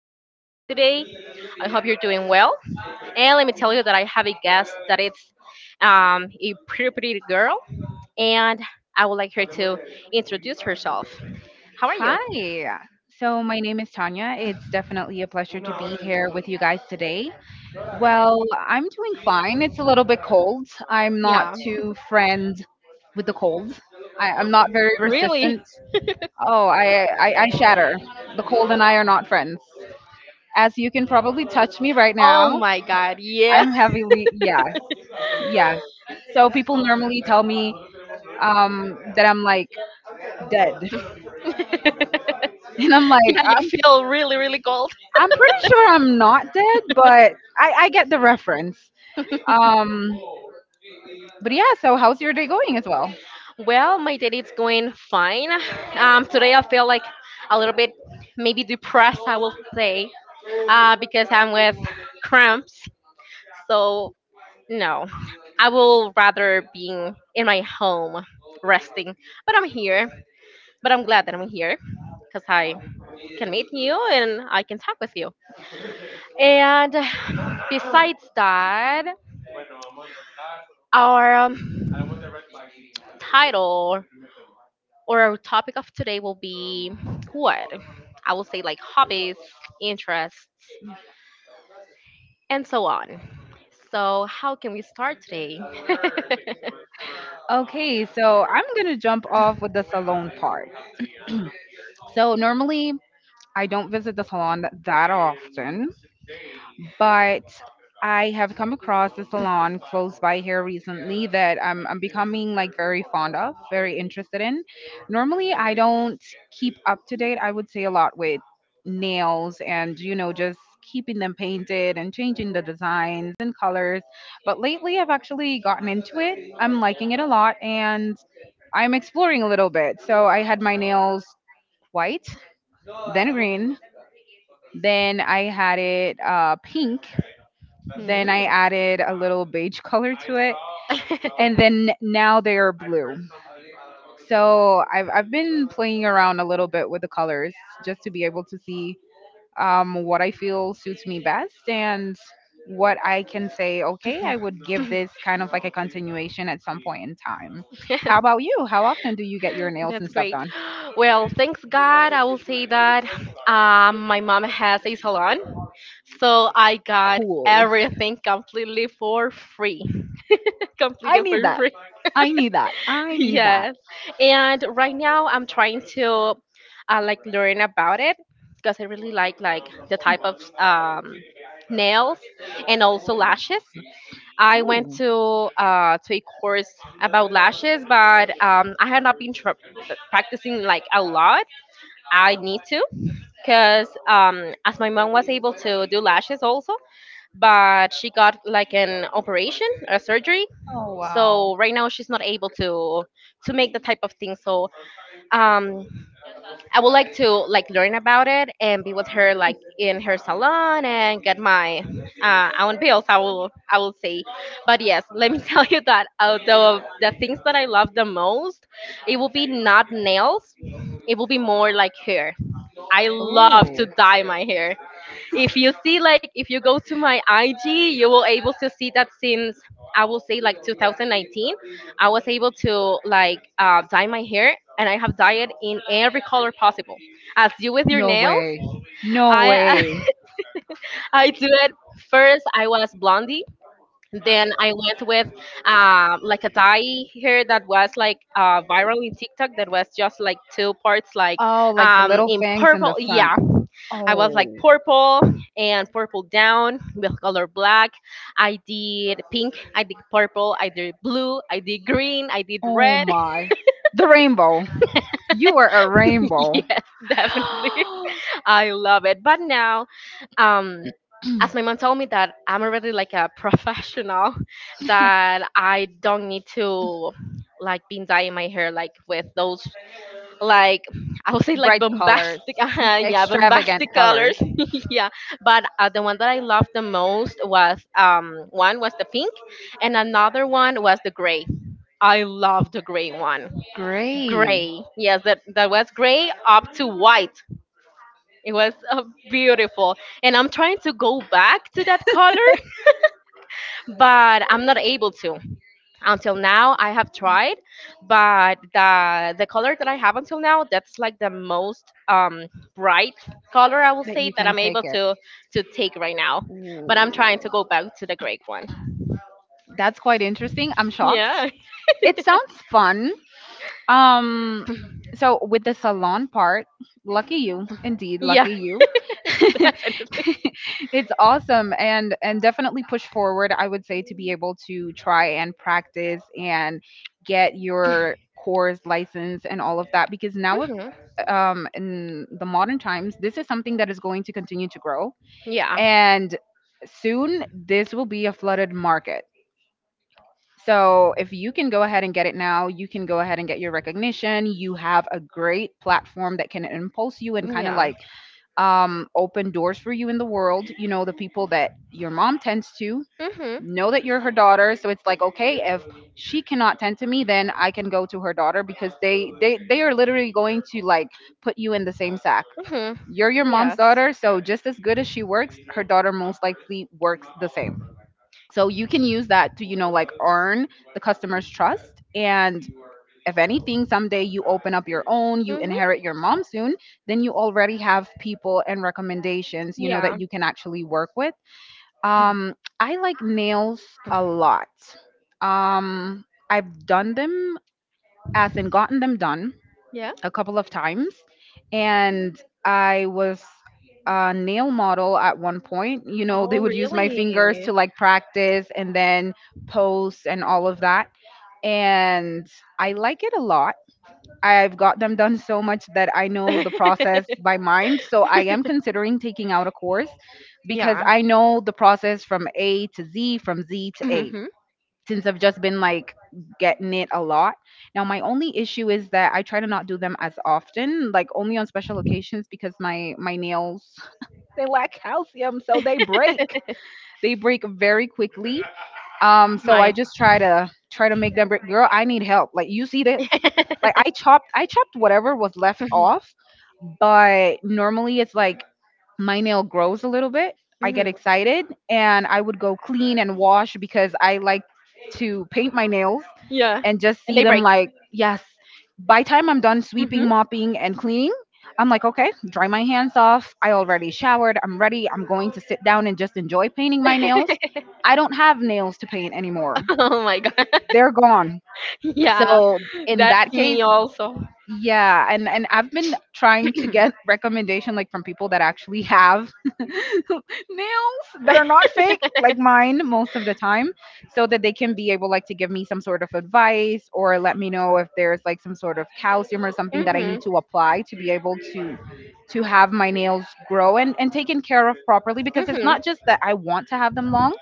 podcast of today. I hope you're doing well. And let me tell you that I have a guest that is a pretty girl, and I would like her to introduce herself. How are you? Hi. So my name is Tanya. It's definitely a pleasure to be here with you guys today. Well, I'm doing fine. It's a little bit cold. I'm not Yeah, too friend with the cold. I'm not very really? resistant. Oh, I shatter. The cold and I are not friends. As you can probably touch me right now, Oh my God, yeah. I'm heavily yeah, yes. So people normally tell me that I'm like dead, yeah, and I'm like you feel really cold. I'm pretty sure I'm not dead, but I get the reference. Um, but yeah, so how's your day going as well? Well, my day is going fine. Today I feel like a little bit maybe depressed, I will say, because I'm with cramps. So no, I will rather being in my home resting. But I'm here. But I'm glad that I'm here because I can meet you and I can talk with you. And besides that, our title or our topic of today will be what? I will say like hobbies, interests, and so on. So, how can we start today? Okay, so I'm gonna jump off with the salon part. So normally I don't visit the salon that often. But I have come across a salon close by here recently that I'm becoming like very fond of, very interested in. Normally, I don't keep up to date, I would say a lot with nails and, you know, just keeping them painted and changing the designs and colors. But lately, I've actually gotten into it. I'm liking it a lot and I'm exploring a little bit. So I had my nails white, then green, then I had it pink, then I Hmm. added a little beige color to it, and then now they are blue. So I've been playing around a little bit with the colors just to be able to see what I feel suits me best and what I can say. Okay, I would give this kind of like a continuation at some point in time. How about you? How often do you get your nails That's and stuff great. done? Well, thanks God. I will say that my mom has a salon, so I got Cool. everything completely for free. I completely need for that. free. I need that. I need that. Yes. And right now I'm trying to like learn about it because I really like the type of nails and also lashes. I went Ooh. To a course about lashes, but I have not been tr practicing like a lot. I need to because as my mom was able to do lashes also, but she got like an operation, a surgery, Oh wow. so right now she's not able to make the type of thing so um I would like to like learn about it and be with her like in her salon and get my own bills i will say but yes let me tell you that although the things that I love the most it will be not nails it will be more like hair I Oh. love to dye my hair if you see like if you go to my IG, you will able to see that since I will say like 2019, I was able to like dye my hair and I have dyed in every color possible. As you with your No nails, way. No I way. I do it first. I was blondie. Then I went with like a dye hair that was like viral in TikTok that was just like two parts like Oh, like the little in things in the purple. front. Yeah, I was Oh. like purple and purple down with color black. I did pink, I did purple, I did blue, I did green, I did Oh red. my. The rainbow. You are a rainbow. yes, definitely. I love it. But now, um, as my mom told me that I'm already like a professional, that I don't need to like been dyeing my hair like with those like I would say like Bright colors, bombastic, yeah, extravagant bombastic colors. colors, yeah. But the one that I loved the most was one was the pink, and another one was the gray. I love the gray one. Gray. Gray, yes, that was gray up to white. It was beautiful, and I'm trying to go back to that color, but I'm not able to. Until now I have tried but the color that I have until now that's like the most bright color I will That say you that can I'm take able it. to take right now Ooh. but I'm trying to go back to the gray one That's quite interesting. I'm shocked. yeah It sounds fun. Um so with the salon part, lucky you. Indeed, yeah lucky you. definitely It's awesome and definitely push forward, I would say, to be able to try and practice and get your course license and all of that, because now if hmm in the modern times this is something that is going to continue to grow, yeah and soon this will be a flooded market. So if you can go ahead and get it now, you can go ahead and get your recognition. You have a great platform that can impulse you and kind of yeah like open doors for you in the world. You know, the people that your mom tends to hmm know that you're her daughter. So it's like, okay, if she cannot tend to me, then I can go to her daughter, because they are literally going to like put you in the same sack. hmm You're your mom's yes daughter, so just as good as she works, her daughter most likely works the same. So you can use that to, you know, like earn the customer's trust. And if anything, someday you open up your own, you hmm inherit your mom soon, then you already have people and recommendations, you know, yeah that you can actually work with. I like nails a lot. I've done them, as in gotten them done, yeah a couple of times, and I was a nail model at one point. You know, they Oh, would use my fingers to really? like practice and then pose and all of that. And I like it a lot. I've got them done so much that I know the process by mind. So I am considering taking out a course because yeah. I know the process from A to Z, from Z to A, Hmm. since I've just been like getting it a lot. Now, my only issue is that I try to not do them as often, like only on special occasions, because my nails they lack calcium, so they break. They break very quickly. So I Mine. just try to make them break. Girl, I need help. Like you see this? Like I chopped whatever was left off, but normally it's like my nail grows a little bit, I Mhm. get excited and I would go clean and wash because I like to paint my nails Yeah. and just And see they them break. like, yes, by time I'm done Hmm. sweeping, mopping and cleaning, I'm like, okay, dry my hands off. I already showered. I'm ready. I'm going to sit down and just enjoy painting my nails. I don't have nails to paint anymore. oh my god. They're gone. Yeah, So, in that's that case, me also. yeah, and I've been trying to get recommendation like from people that actually have nails that are not fake like mine most of the time, so that they can be able like to give me some sort of advice or let me know if there's like some sort of calcium or something that I Mhm. need to apply to be able to have my nails grow and taken care of properly, because it's Mhm. not just that I want to have them long,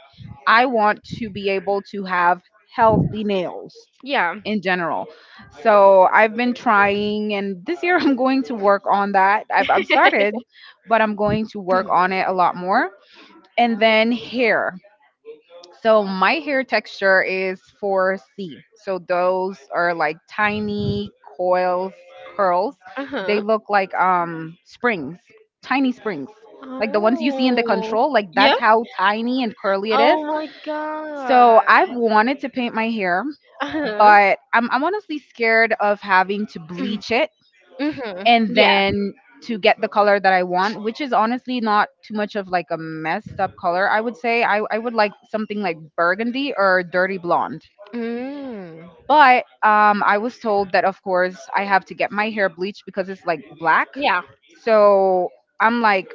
I want to be able to have healthy nails Yeah. in general. So I've been trying, and this year I'm going to work on that. I've started, but I'm going to work on it a lot more. And then hair. So my hair texture is 4C. So those are like tiny coils, curls. Uh They huh. look like springs, tiny springs. Like the ones you see in the Oh. control, like that's Yep. how tiny and curly it Oh is. my god. So I've wanted to paint my hair, Uh huh. but I'm honestly scared of having to bleach it Mhm. and Yeah. then to get the color that I want, which is honestly not too much of like a messed up color. I would say I would like something like burgundy or dirty blonde. Mm. But I was told that of course I have to get my hair bleached because it's like black. Yeah. So I'm like,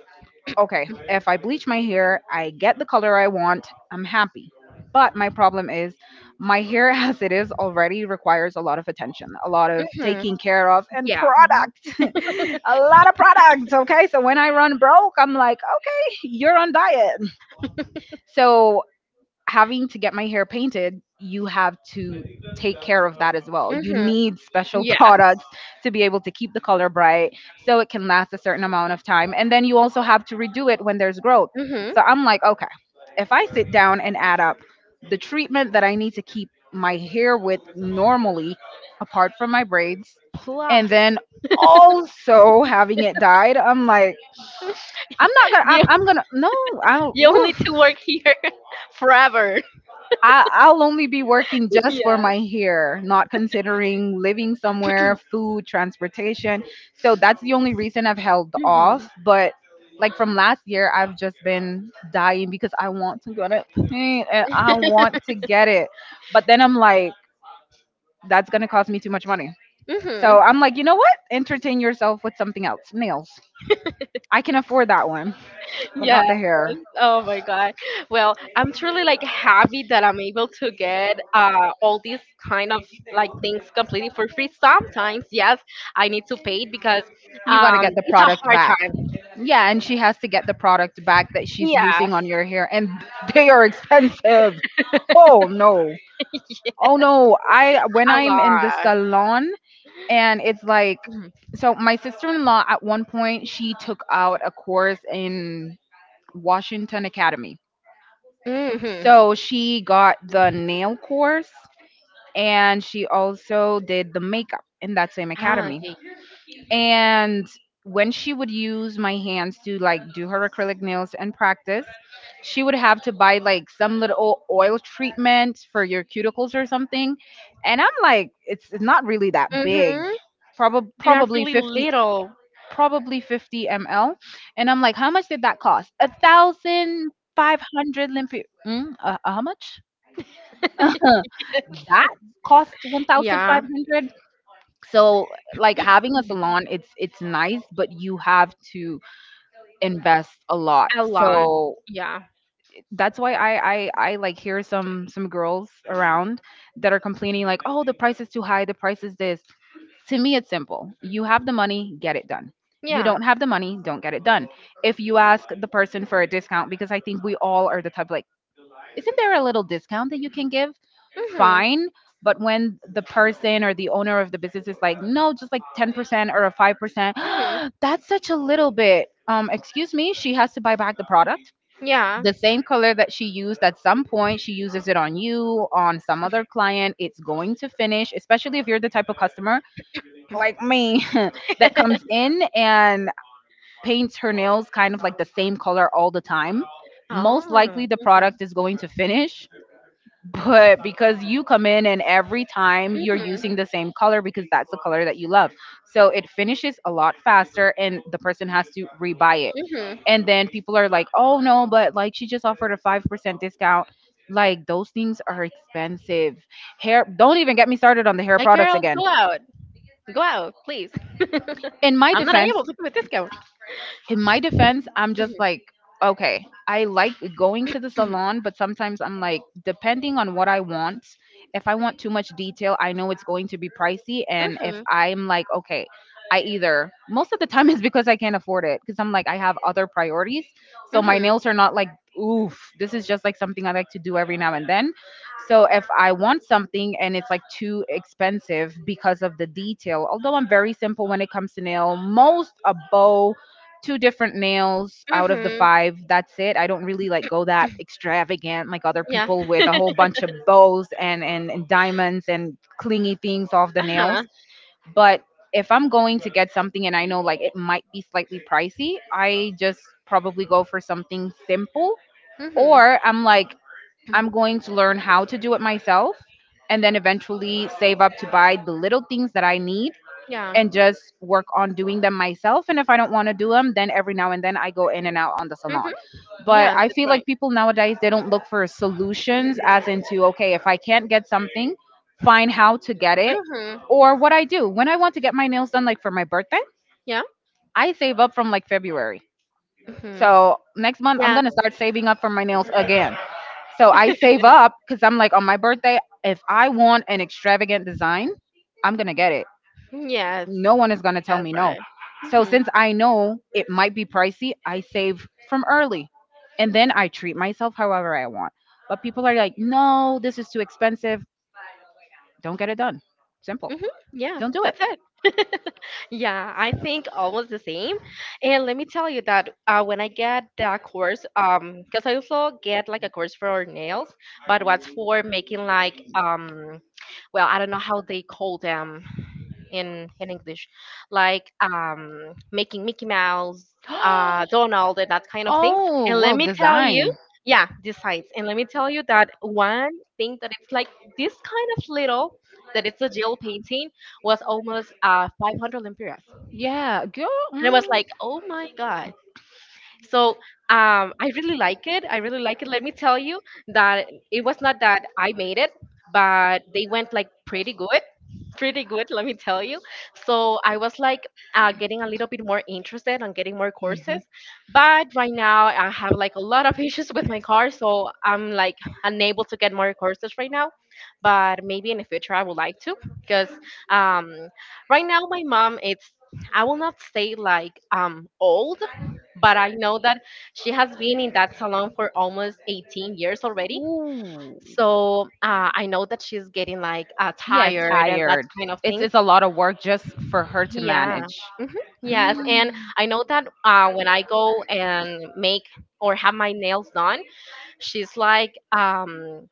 okay, if I bleach my hair, I get the color I want, I'm happy. But my problem is my hair as it is already requires a lot of attention, a lot of Mhm. taking care of and Yeah. product. A lot of products, okay? So when I run broke, I'm like, "Okay, you're on diet." So having to get my hair painted, you have to take care of that as well. You Mhm. need special Yeah. products to be able to keep the color bright so it can last a certain amount of time. And then you also have to redo it when there's growth. Mhm. So I'm like, okay, if I sit down and add up the treatment that I need to keep my hair with normally, apart from my braids, and Plus, then also having it dyed, I'm like, I'm not gonna. You I'm gonna. No, I don't. you only Woo. to work here forever. I'll only be working just for Yeah. my hair, not considering living somewhere, food, transportation. So that's the only reason I've held Mhm. off. But like from last year, I've just been dying because I want to go to paint and I want to get it. But then I'm like, that's going to cost me too much money. So Mhm. I'm like, you know what? Entertain yourself with something else, nails. I can afford that one, but Yes. not the hair. Oh my God. Well, I'm truly like happy that I'm able to get all these kind of like things completely for free. Sometimes, yes, I need to pay it because You got to get the it's a product hard back. time. Yeah, and she has to get the product back that she's Yeah. using on your hair, and they are expensive. Oh no. yeah. Oh no. I when A I'm in the lot. salon and it's like, Mhm. so my sister-in-law at one point she took out a course in Washington Academy. Mm-hmm. So she got the nail course and she also did the makeup in that same Ah, academy. okay. And when she would use my hands to like do her acrylic nails and practice, she would have to buy like some little oil treatment for your cuticles or something. And I'm like, it's not really that big. Mm-hmm. They are Probably really 50, little. probably 50 ml. And I'm like, how much did that cost? 1,500 limpi. Mm, how much? Huh, that cost one thousand five Yeah, hundred. So like having a salon, it's nice, but you have to invest a lot. a lot. So Yeah, that's why I like hear some girls around that are complaining like, "Oh, the price is too high, the price is this." To me it's simple. You have the money, get it done. You yeah. don't have the money, don't get it done. If you ask the person for a discount, because I think we all are the type like, isn't there a little discount that you can give? Mhm. Fine. But when the person or the owner of the business is like, no, just like 10% or a 5%, Mhm. that's such a little bit. Excuse me, she has to buy back the product. Yeah. The same color that she used at some point, she uses it on you, on some other client. It's going to finish, especially if you're the type of customer like me that comes in and paints her nails kind of like the same color all the time, most likely Oh. the Mhm. product is going to finish. But because you come in and every time you're Mhm. using the same color because that's the color that you love. So it finishes a lot faster and the person has to rebuy it. Mhm. And then people are like, oh no, but like she just offered a 5% discount. Like those things are expensive. Hair, don't even get me started on the hair Like, products girl, again. go out. Go out, please. in my I'm not defense, able to give a discount. in my defense, I'm just like, okay, I like going to the Mhm. salon, but sometimes I'm like, depending on what I want, if I want too much detail, I know it's going to be pricey. And if Mhm. I'm like, okay, I either, most of the time it's because I can't afford it, because I'm like, I have other priorities. So my Mhm. nails are not like, oof, this is just like something I like to do every now and then. So if I want something and it's like too expensive because of the detail, although I'm very simple when it comes to nail, most a bow two different nails out of the Mhm. five. That's it. I don't really like go that extravagant like other Yeah. people with a whole bunch of bows and diamonds and clingy things off the nails. Uh-huh. But if I'm going to get something and I know like it might be slightly pricey, I just probably go for something simple. Mhm. Or I'm like, I'm going to learn how to do it myself and then eventually save up to buy the little things that I need Yeah. and just work on doing them myself. And if I don't want to do them, then every now and then I go in and out on the salon. Mhm. But Yeah, I that's feel right. like people nowadays they don't look for solutions as into okay, if I can't get something, find how to get it. Mhm. Or what I do when I want to get my nails done, like for my birthday, Yeah. I save up from like February. Mhm. So next month I'm Yeah. gonna start saving up for my nails again. So I save up because I'm like on my birthday, if I want an extravagant design, I'm gonna get it, yes, no one is going to tell that's me no. right. So Mhm. since I know it might be pricey, I save from early and then I treat myself however I want. But people are like, "No, this is too expensive." Don't get it done. Simple. Hmm. Yeah, Don't do it. that's it. yeah, I think almost the same. And let me tell you that when I get that course, because I also get like a course for nails, but what's for making like well, I don't know how they call them in English, like making Mickey Mouse, Oh, Donald, and that kind of things. And let well, me tell you, design. yeah, designs. And let me tell you that one thing that it's like this kind of little that it's a gel painting was almost 500 lempiras, Yeah, girl. and I was Mm. like, oh my god so I really like it. I really like it. Let me tell you that it was not that I made it, but they went like pretty good. Pretty good, let me tell you. So I was like getting a little bit more interested on getting more courses, Mhm. but right now I have like a lot of issues with my car, so I'm like unable to get more courses right now. But maybe in the future I would like to, because um, right now my mom it's I will not say like old, but I know that she has been in that salon for almost 18 years already. Ooh. So I know that she's getting like Yeah, tired and that tired. kind of It's things. it's a lot of work just for her to Yeah. manage. Hmm. Yes. And Mm. I know that when I go and make or have my nails done, she's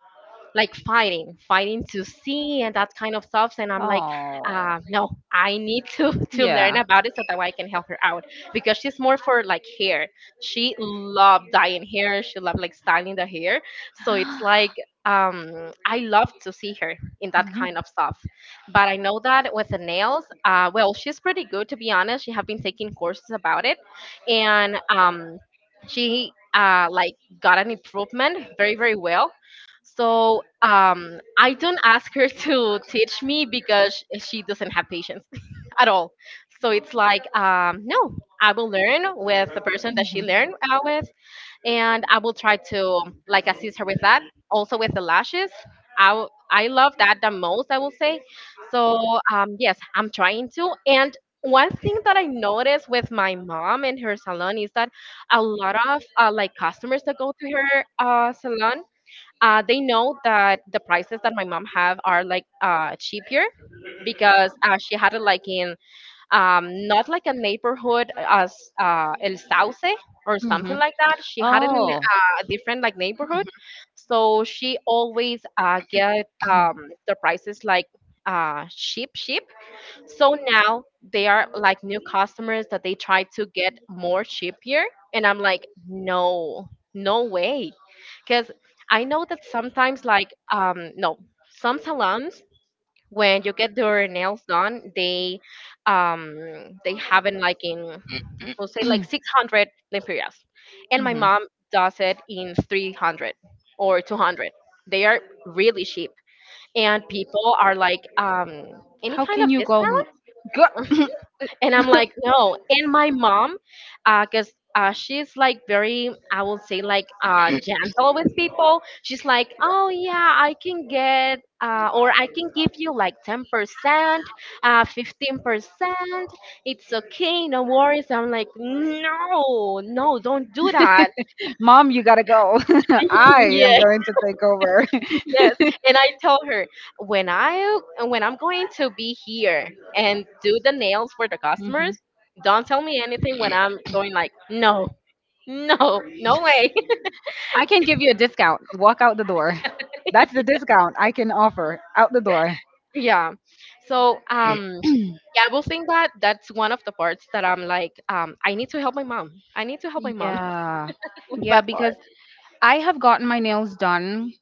like fighting to see and that kind of stuff and I'm like Oh. No I need to to Yeah. learn about it so that way I can help her out because she's more for like hair she loved dyeing hair she loved like styling the hair so it's like I love to see her in that Mhm, kind of stuff but I know that with the nails well she's pretty good to be honest she have been taking courses about it and she like got an improvement very well so I don't ask her to teach me because she doesn't have patience at all. So it's like, no, I will learn with the person that she learned mhm, with, and I will try to like assist her with that. Also with the lashes, I love that the most. I will say. So yes, I'm trying to. And one thing that I noticed with my mom and her salon is that a lot of like customers that go to her salon they know that the prices that my mom have are like cheaper because she had it like in not like a neighborhood as El Sauce or mhm. something like that. She had it in Oh. A different like neighborhood, so she always get the prices like cheap, cheap so now they are like new customers that they try to get more cheaper. And I'm like, no, no way. Because I know that sometimes, like, no, some salons, when you get your nails done, they have it like in we'll say like 600 lempiras and my Mhm. mom does it in 300 or 200 they are really cheap and people are like any How kind of can you go? business Go. and I'm like, no. And my mom, cause she's like very, I would say like gentle with people. She's like, oh yeah, I can get, or I can give you like 10%, 15%. It's okay, no worries. I'm like, no, no, don't do that. Mom, you gotta go. I am Yeah. going to take over. Yes, and I tell her when I when I'm going to be here and do the nails for the Mhm. customers, don't tell me anything when I'm going like no, no, no way. I can give you a discount. Walk out the door. That's the discount I can offer. Out the door. yeah. So yeah, I will think that that's one of the parts that I'm like I need to help my mom. I need to help my mom Yeah. with Yeah, that part. because I have gotten my nails done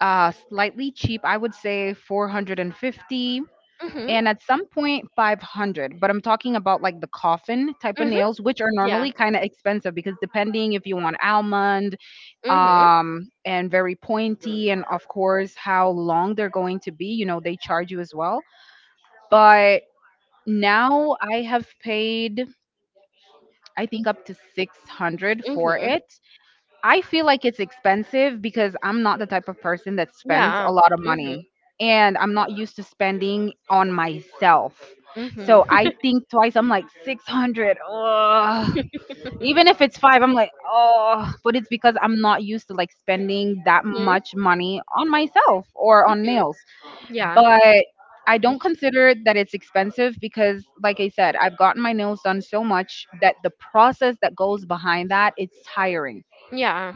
slightly cheap. I would say 450, Mhm. and at some point point 500. But I'm talking about like the coffin type of Mhm. nails which are Yeah. normally kind of expensive because depending if you want almond, Mhm. And very pointy, and of course how long they're going to be, you know they charge you as well. But now I have paid, I think, up to 600 for Mhm. it. I feel like it's expensive because I'm not the type of person that spends Yeah. a lot of Mhm. money and I'm not used to spending on myself. Mhm. So I think twice, I'm like 600, even if it's five I'm like oh, but it's because I'm not used to like spending that Mhm. much money on myself or on nails. Yeah. But I don't consider that it's expensive because like I said, I've gotten my nails done so much that the process that goes behind that, it's tiring, Yeah.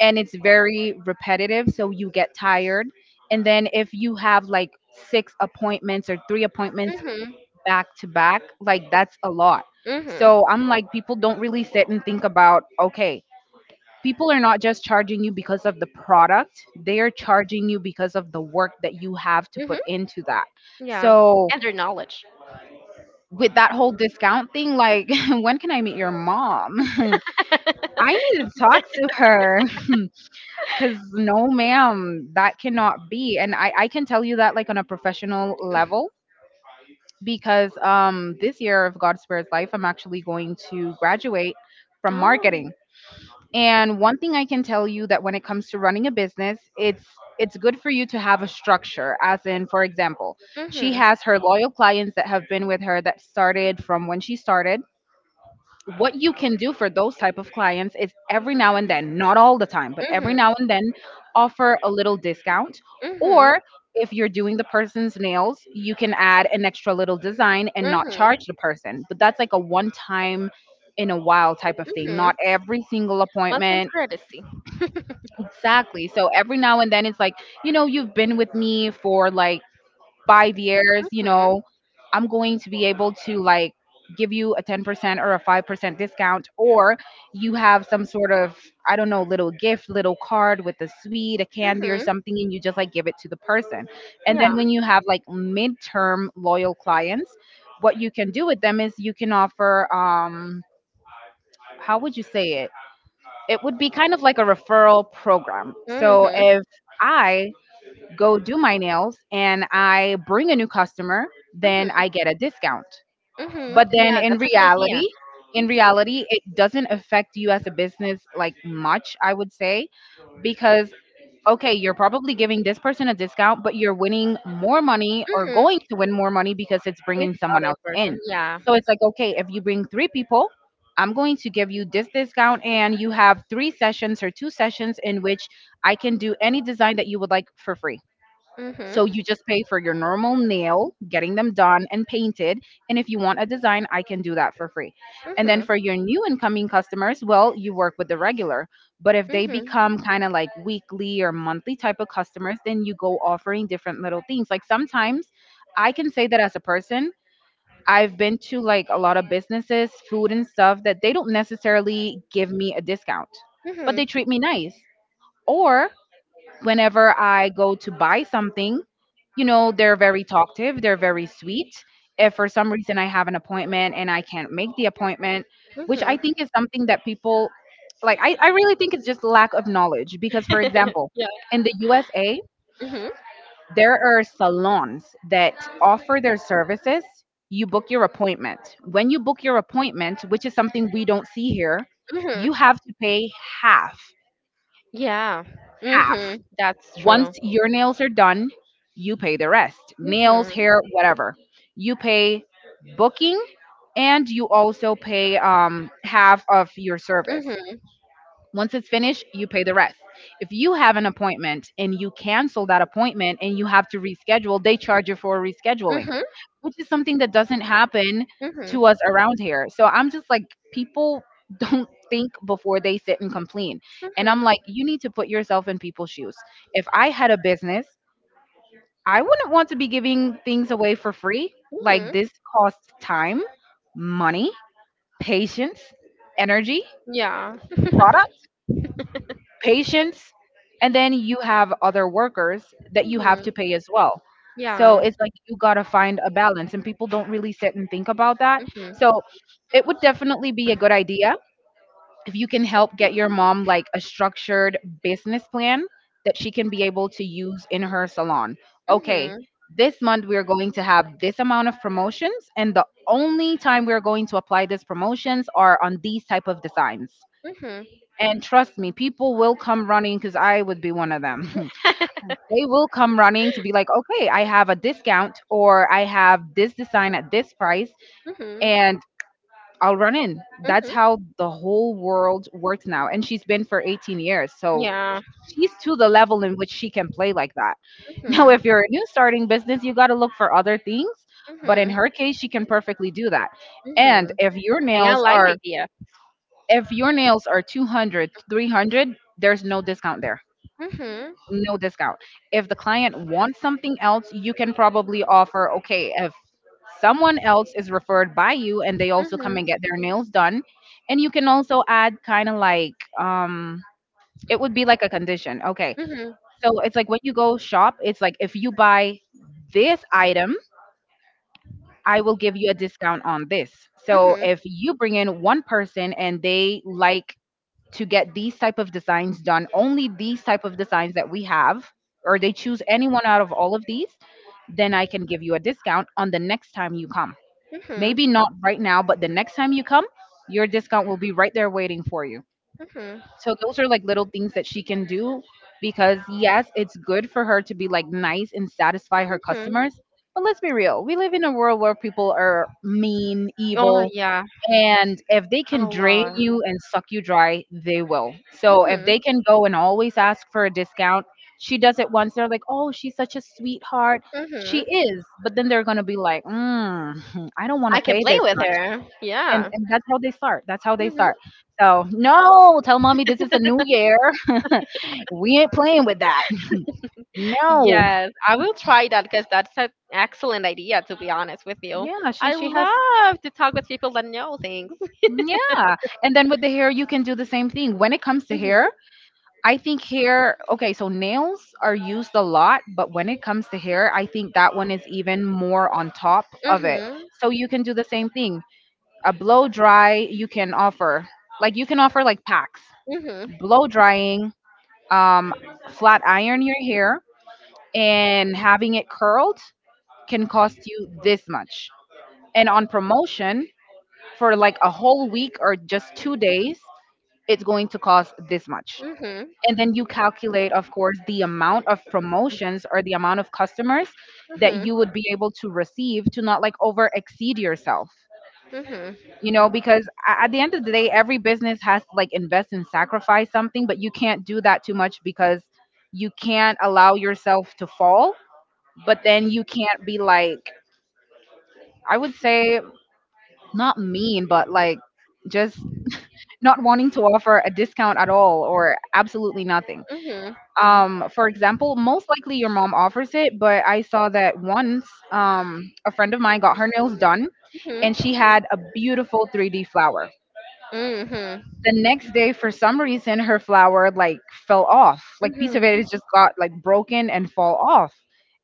and it's very repetitive so you get tired. And then if you have like six appointments or three appointments Mhm. back to back, like that's a lot. Mhm. So I'm like, people don't really sit and think about okay, people are not just charging you because of the product, they are charging you because of the work that you have to Mhm. put into that. Yeah. So And their knowledge. with that whole discount thing, like when can I meet your mom? I need to talk to her because no ma'am, that cannot be. And I can tell you that like on a professional level because this year of god spares life, I'm actually going to graduate from Oh. marketing. And one thing I can tell you, that when it comes to running a business, it's good for you to have a structure. As in, for example, she Mhm. has her loyal clients that have been with her that started from when she started. What you can do for those type of clients is every now and then, not all the time, but every Mhm. now and then offer a little discount. Mhm. Or if you're doing the person's nails, you can add an extra little design and not Mhm. charge the person. But that's like a one time in a while type of thing, Mhm. not every single One time appointment. courtesy? Exactly. So every now and then it's like, you know, you've been with me for like 5 years, you Mhm. know, I'm going to be able to like give you a 10% or a 5% discount, or you have some sort of, I don't know, little gift, little card with a sweet, a candy or Mhm. something, and you just like give it to the person. And Yeah. then when you have like midterm loyal clients, what you can do with them is you can offer, how would you say it? It would be kind of like a referral program. So Mhm. if I go do my nails and I bring a new customer, then Mhm. I get a discount. Mhm. But then Yeah, that's a good idea. in reality, it doesn't affect you as a business like much, I would say, because okay, you're probably giving this person a discount, but you're winning more money or going Mhm. to win more money because it's With bringing the someone other else in. person. Yeah. So it's like, okay, if you bring three people, I'm going to give you this discount, and you have three sessions or two sessions in which I can do any design that you would like for free. So Mhm. you just pay for your normal nail, getting them done and painted. And if you want a design, I can do that for free. And then Mhm. for your new incoming customers, well, you work with the regular. But if they Mhm. become kind of like weekly or monthly type of customers, then you go offering different little things. Like sometimes I can say that as a person, I've been to like a lot of businesses, food and stuff that they don't necessarily give me a discount, but Mhm. they treat me nice. Or whenever I go to buy something, you know, they're very talkative, they're very sweet. If for some reason I have an appointment and I can't make the appointment, which I Mhm. think is something that people like, I really think it's just lack of knowledge. Because, for example, yeah. in the USA, Mhm. there are salons that offer their services. You book your appointment. When you book your appointment, which is something we don't see here, Mhm. you have to pay half, Yeah. half. Mhm. That's Once true. your nails are done, you pay the rest, nails, Mhm. hair, whatever. You pay booking and you also pay half of your service. Mhm. Once it's finished, you pay the rest. If you have an appointment and you cancel that appointment and you have to reschedule, they charge you for rescheduling, Mhm. which is something that doesn't happen Mhm. to us around here. So I'm just like, people don't think before they sit and complain. And I'm Mhm. like, you need to put yourself in people's shoes. If I had a business, I wouldn't want to be giving things away for free. Like, Mhm. this costs time, money, patience, energy, Yeah. product, patients, and then you have other workers that you have to Mhm. pay as well. So Yeah. it's like you gotta find a balance, and people don't really sit and think about that. Mhm. So it would definitely be a good idea if you can help get your mom like a structured business plan that she can be able to use in her salon. Okay, Mhm. this month we're going to have this amount of promotions and the only time we're going to apply these promotions are on these type of designs. Mhm. And trust me, people will come running because I would be one of them. They will come running to be like, okay, I have a discount or I have this design at this price Mhm. and I'll run in. That's Mhm. how the whole world works now. And she's been for 18 years. So Yeah. she's to the level in which she can play like that. Now, Mhm. if you're a new starting business, you got to look for other things. But in Mhm. her case, she can perfectly do that. And Mhm. And I like the idea. if your nails are 200, 300, there's no discount there, Mhm. no discount. If the client wants something else, you can probably offer, okay, if someone else is referred by you and they also come Mhm. and get their nails done, and you can also add kind of like, it would be like a condition. Okay. Mhm. So it's like when you go shop, it's like if you buy this item, I will give you a discount on this. So Mhm. if you bring in one person and they like to get these type of designs done, only these type of designs that we have, or they choose anyone out of all of these, then I can give you a discount on the next time you come. Mhm. Maybe not right now, but the next time you come, your discount will be right there waiting for you. Mhm. So those are like little things that she can do, because yes, it's good for her to be like nice and satisfy her Mhm. customers, but let's be real, we live in a world where people are mean, Oh evil, yeah, and if they a can drain lot. you and suck you dry, they will. So if Mhm. they can go and always ask for a discount, she does it once. They're like, oh, she's such a sweetheart. She Mhm. is. But then they're going to be like, mm, I don't want I to can pay play this with much. her. And, Yeah. and that's how they start. That's how they Mhm. start. So, no, tell mommy this is a new year. We ain't playing with that. No. Yes, I will try that because that's an excellent idea. To be honest with you, Yeah, she, I she has. love to talk with people that know things. Yeah. And then with the hair, you can do the same thing. When it comes to Mhm. hair, I think hair, okay, so nails are used a lot, but when it comes to hair, I think that one is even more on top of it. Mhm. So you can do the same thing. A blow dry, you can offer, like, you can offer like packs, Mhm. blow drying, um, flat iron your hair, and having it curled can cost you this much. And on promotion, for like a whole week or just 2 days, it's going to cost this much. Mhm. And then you calculate, of course, the amount of promotions or the amount of customers that Mhm. you would be able to receive, to not like over exceed yourself, Mhm. you know, because at the end of the day every business has to like invest and sacrifice something, but you can't do that too much because you can't allow yourself to fall. But then you can't be like, I would say, not mean, but like, just not wanting to offer a discount at all or absolutely nothing. Mhm. Um, for example, most likely your mom offers it, but I saw that once. Um, a friend of mine got her nails done Mhm. and she had a beautiful 3D flower. Mhm. The next day, for some reason, her flower like fell off, like piece of Mhm. it is just got like broken and fall off,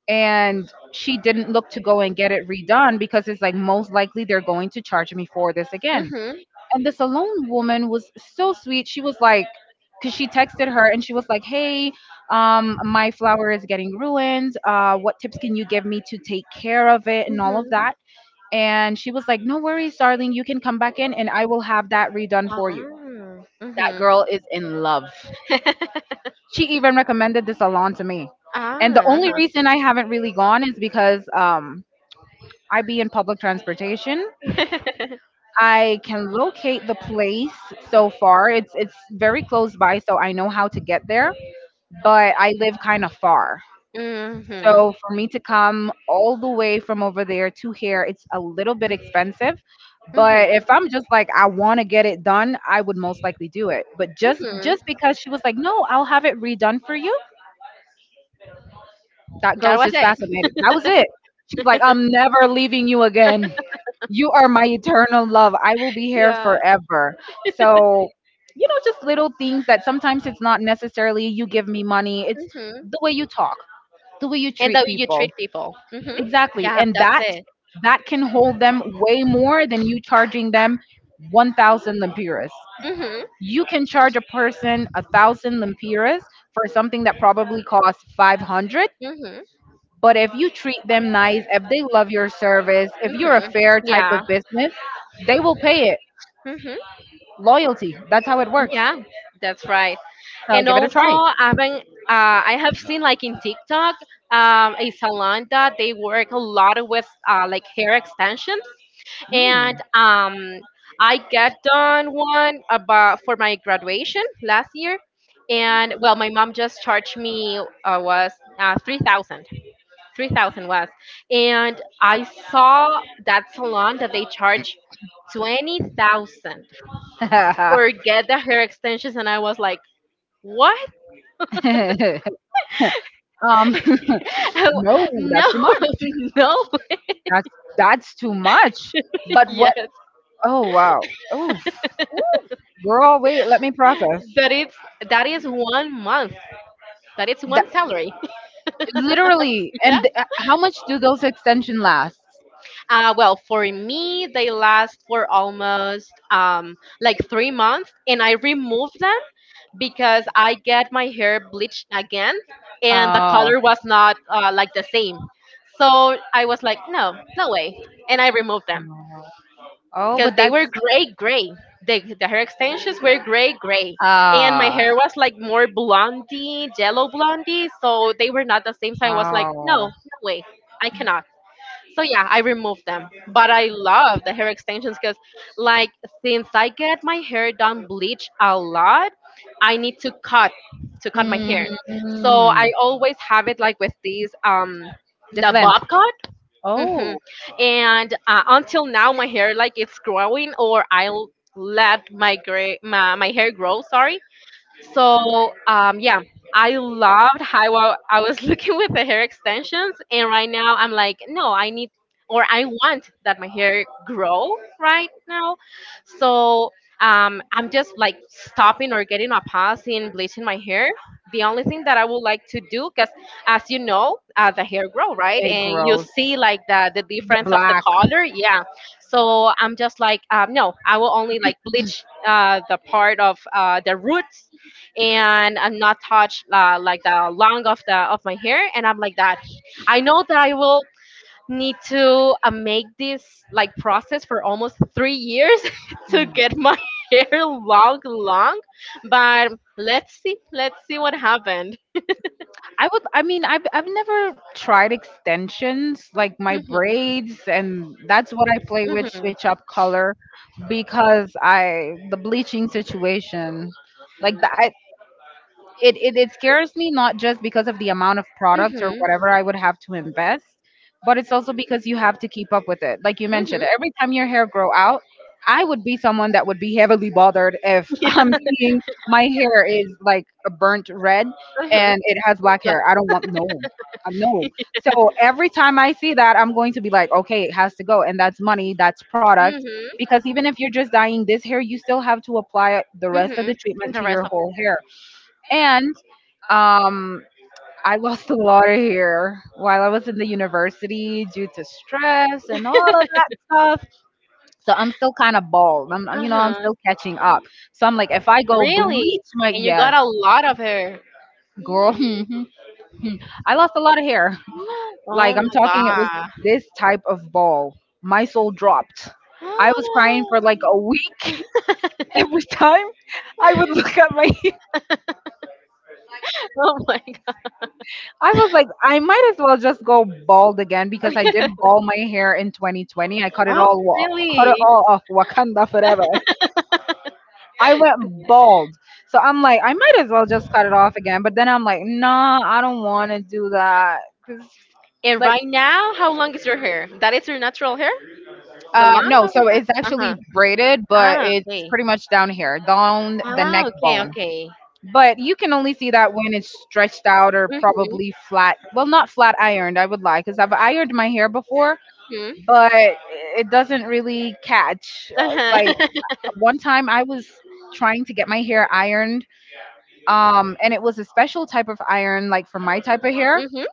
and she didn't look to go and get it redone because it's like, most likely they're going to charge me for this again. Mhm. And this alone woman was so sweet. She was like, because she texted her, and she was like, hey, um, my flower is getting ruined, uh, what tips can you give me to take care of it and all of Mhm. that. And she was like, no worries darling, you can come back in and I will have that redone for you. Ah, That mhm. girl is in love. She even recommended the salon to me. And the Ah, only uh-huh. reason I haven't really gone is because, um, I be in public transportation. I can locate the place so far. It's very close by, so I know how to get there, but I live kind of far. mhm. So for me to come all the way from over there to here, it's a little bit expensive. But Mhm. if I'm just like I want to get it done, I would most likely do it. But just Mhm. just because she was like, "No, I'll have it redone for you." That That girl's was just it. fascinated. That was it. She's like, I'm never leaving you again. You are my eternal love. I will be here Yeah. forever. So, you know, just little things that sometimes it's not necessarily you give me money. It's Mhm. the way you talk, the way you And treat the way you people. treat people. Mhm. Exactly. Yeah, And that's that it. that can hold them way more than you charging them 1,000 lempiras. Mhm. You can charge a person 1,000 lempiras for something that probably costs 500, Mhm. but if you treat them nice, if they love your service, if you're a Mhm. fair type of Yeah. business, they will pay it. Mhm. Loyalty. That's how it works. Yeah, that's right. So And give it a also, try. I've been, uh, I have seen like in TikTok, a salon that they work a lot with like hair extensions. Hmm. And I got done one about for my graduation last year, and well, my mom just charged me was 3,000. 3,000 was, and I saw that salon that they charge 20,000. Forget the hair extensions, and I was like, what? um, no, No, that's too much. no, That's that's too much. But what? yes, Oh wow. Ooh, ooh. Girl, wait. Let me process. that is that is one month. That is That one salary. literally. And how much do those extension last? Well, for me, they last for almost like 3 months, and I remove them because I get my hair bleached again, and the Oh. color was not like the same. So I was like, no, no way, and I removed them Oh, because but they that's were gray, gray. The hair extensions were gray, gray, and my Ah, hair was like more blondie, yellow blondie. So they were not the same. So I was like, no, wow. no way, I cannot. So yeah, I removed them. But I love the hair extensions because, like, since I get my hair done bleach a lot, I need to cut my hair. So I Mm, always have it like with these the the bob length. cut. Hmm. Oh, And until now, my hair like it's growing, or I'll let my hair grow. Sorry, so yeah, I loved how I was looking with the hair extensions, and right now I'm like, no, I need or I want that my hair grow right now. So I'm just like stopping or getting a pause in bleaching my hair. The only thing that I would like to do, because as you know, the hair grow right, it and you grows. see like the The difference of the black. color, yeah. So I'm just like, no, I will only like bleach the part of the roots, and I'm not touch like the long of my hair, and I'm like that. I know that I will need to make this like process for almost 3 years to Mm. get my hair long, long. But let's see what happened. I would. I've never tried extensions like my Mhm, braids, and that's what I play with. mhm, Switch up color because I the bleaching situation. Like the, I, it scares me, not just because of the amount of product or mhm, whatever I would have to invest, but it's also because you have to keep up with it. Like you mentioned, mhm. every time your hair grow out, I would be someone that would be heavily bothered if Yes, I'm seeing my hair is like a burnt red uh-huh. and it has black hair. I don't want no. No. So every time I see that, I'm going to be like, okay, it has to go. And that's money, that's product. Mhm, Because even if you're just dyeing this hair, you still have to apply the rest of mhm. the In treatment the to rest your of it. whole hair. And um, I lost a lot of hair while I was in the university due to stress and all of that stuff. So I'm still kind of bald. I'm Uh-huh. still catching up. So I'm like, if I go Really? bleach my, And you yes, got a lot of hair. girl, I lost a lot of hair. Oh Like I'm talking, it was my this type of ball. My soul dropped. I was crying for god. like a week every time I would look at my. Oh my god. I was like, I might as well just go bald again because I did bald my hair in 2020. I cut it Oh, all, cut it really? all off, Wakanda forever. I went bald, so I'm like, I might as well just cut it off again. But then I'm like, nah, I don't want to do that because, And like, right now, how long is your hair? That is your natural hair? The long no. of your So hair? it's Uh-huh. actually braided, but Ah, it's okay. pretty much down here, down the Ah, neck okay, bone. okay. But you can only see that when it's stretched out or Mm-hmm. probably flat. Well, not flat ironed. I would lie because I've ironed my hair before, Mm-hmm. but it doesn't really catch. Like Uh-huh. one time I was trying to get my hair ironed, um, and it was a special type of iron like for my type of hair, Mm-hmm.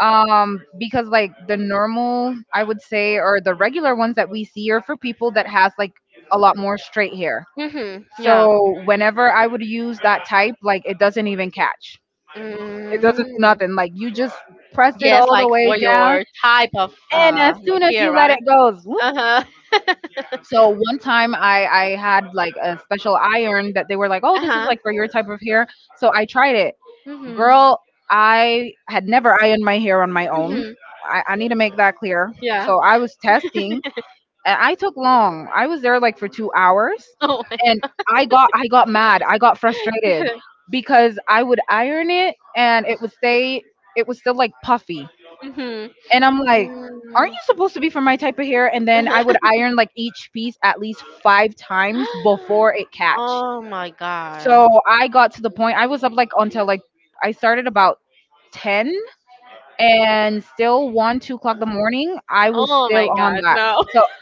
um, because like the normal, I would say, or the regular ones that we see are for people that has like a lot more straight hair. Mm-hmm. Yeah. So whenever I would use that type, like it doesn't even catch. It doesn't do Mm. nothing. Like you just press it Yes, all like the way for down, your type of and as like soon as hair, you let it right? go. Uh-huh. So one time I had like a special iron that they were like, "Oh, this is Uh-huh. like for your type of hair." So I tried it. Mm-hmm. Girl, I had never ironed my hair on my own. Mm-hmm. I need to make that clear. Yeah. So I was testing and I took long. I was there like for 2 hours, Oh my and god. I got mad. I got frustrated because I would iron it and it would stay, it was still like puffy. Mm-hmm. And I'm like, aren't Mm. you supposed to be for my type of hair? And then I would iron like each piece at least 5 times before it catch. Oh my So god. I got to the point I was up until I started about 10 and still 1 2 o'clock in the morning. I was Oh still my on god, that. no. So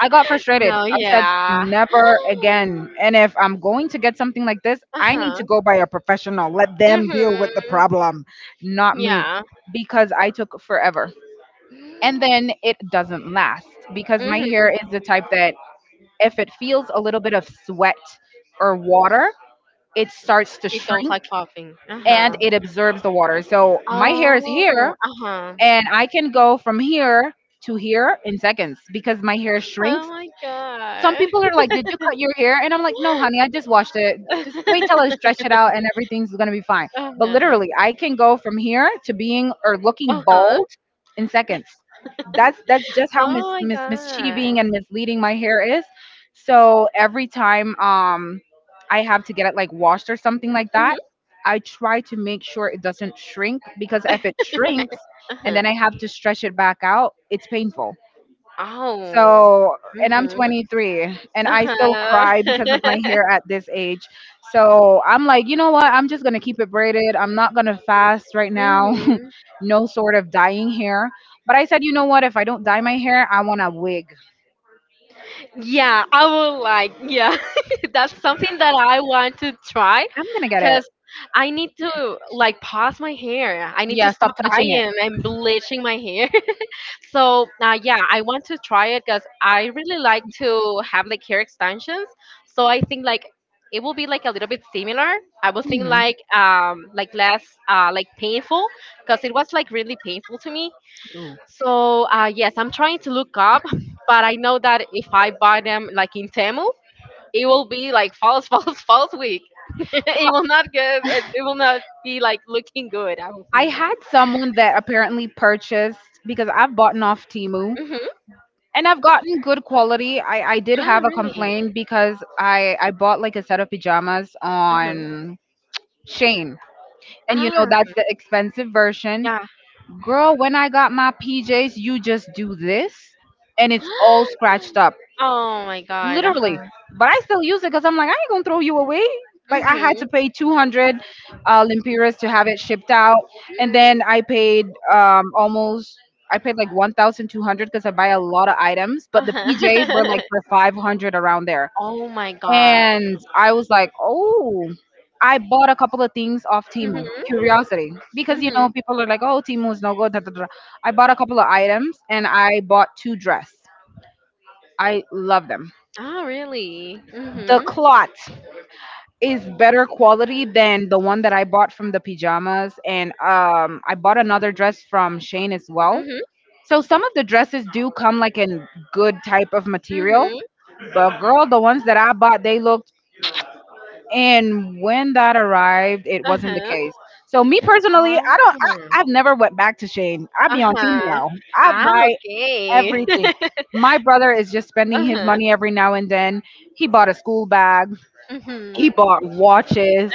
I got frustrated. No, I said yeah. never again, and if I'm going to get something like this, I need Uh-huh. to go by a professional, let them deal with the Mhm. problem, not me, Yeah. because I took forever, and then it doesn't last because my Mhm. hair is the type that if it feels a little bit of sweat or water, it starts to It don't shrink like popping. and Uh-huh. it absorbs the water. So my hair is Oh, here, uh-huh. and I can go from here to here in seconds because my hair Oh shrinks. my Some god. people are like, "Did you cut your hair?" And I'm like, "No, honey, I just washed it. Just wait till I stretch it out, and everything's gonna be fine." But Uh-huh. literally, I can go from here to being or looking Uh-huh. bald in seconds. That's just how Oh my mischieving god. and misleading my hair is. So every time I have to get it like washed or something like that, Mhm. I try to make sure it doesn't shrink, because if it shrinks and Uh-huh. then I have to stretch it back out, it's painful. Oh. So, and I'm Mhm. 23 and I still Uh-huh. cry because of my hair at this age. So, I'm like, you know what? I'm just going to keep it braided. I'm not going to fast right now. mhm. No sort of dyeing hair. But I said, you know what? If I don't dye my hair, I want a wig. Yeah, I would like, yeah, that's something that I want to try I'm going to get it. because I need to like pause my hair. I need to Yeah, stop stop touching it. dyeing and bleaching my hair. So, yeah, I want to try it because I really like to have like hair extensions. So I think like it will be like a little bit similar. I would think Mhm. Like less like painful because it was like really painful to me. Ooh. So yes, I'm trying to look up, but I know that if I buy them like in Temu, it will be like false, false, false week. It Well, will not get. It will not be like looking good. I don't I think that. had someone that apparently purchased because I've bought off Timu, Hmm. and I've gotten good quality. I did Ah, have a really? complaint because I bought like a set of pajamas Uh huh. on Shane. And you know Ah, that's the expensive version. yeah. Girl, when I got my PJs, you just do this and it's all scratched up Oh my god. Uh literally. huh. But I still use it because I'm like, I ain't gonna throw you away. Like I had Mhm. to pay 200 lempiras to have it shipped out, and then I paid almost. I paid like 1,200 because I buy a lot of items, Uh but the PJs were huh. like for 500 around there. oh my god. And I was like, oh, I bought a couple of things off Timu, Mhm. curiosity, because you Mhm. know people are like, oh, Timu is no good. Da, da, da. I bought a couple of items and I bought two dress. I love them. Ah, really? The Mhm. clot. Is better quality than the one that I bought from the pajamas. And I bought another dress from Shane as well. Mhm. So some of the dresses do come like in good type of material, Mhm. but girl, the ones that I bought, they looked. And when that arrived, it Uh wasn't the huh. case. So me personally, Ah. I don't. I've never went back to Shane. I be on team Uh-huh. now. I Ah, buy okay. everything. My brother is just spending his Uh-huh. money every now and then. He bought a school bag. Mhm. He bought watches.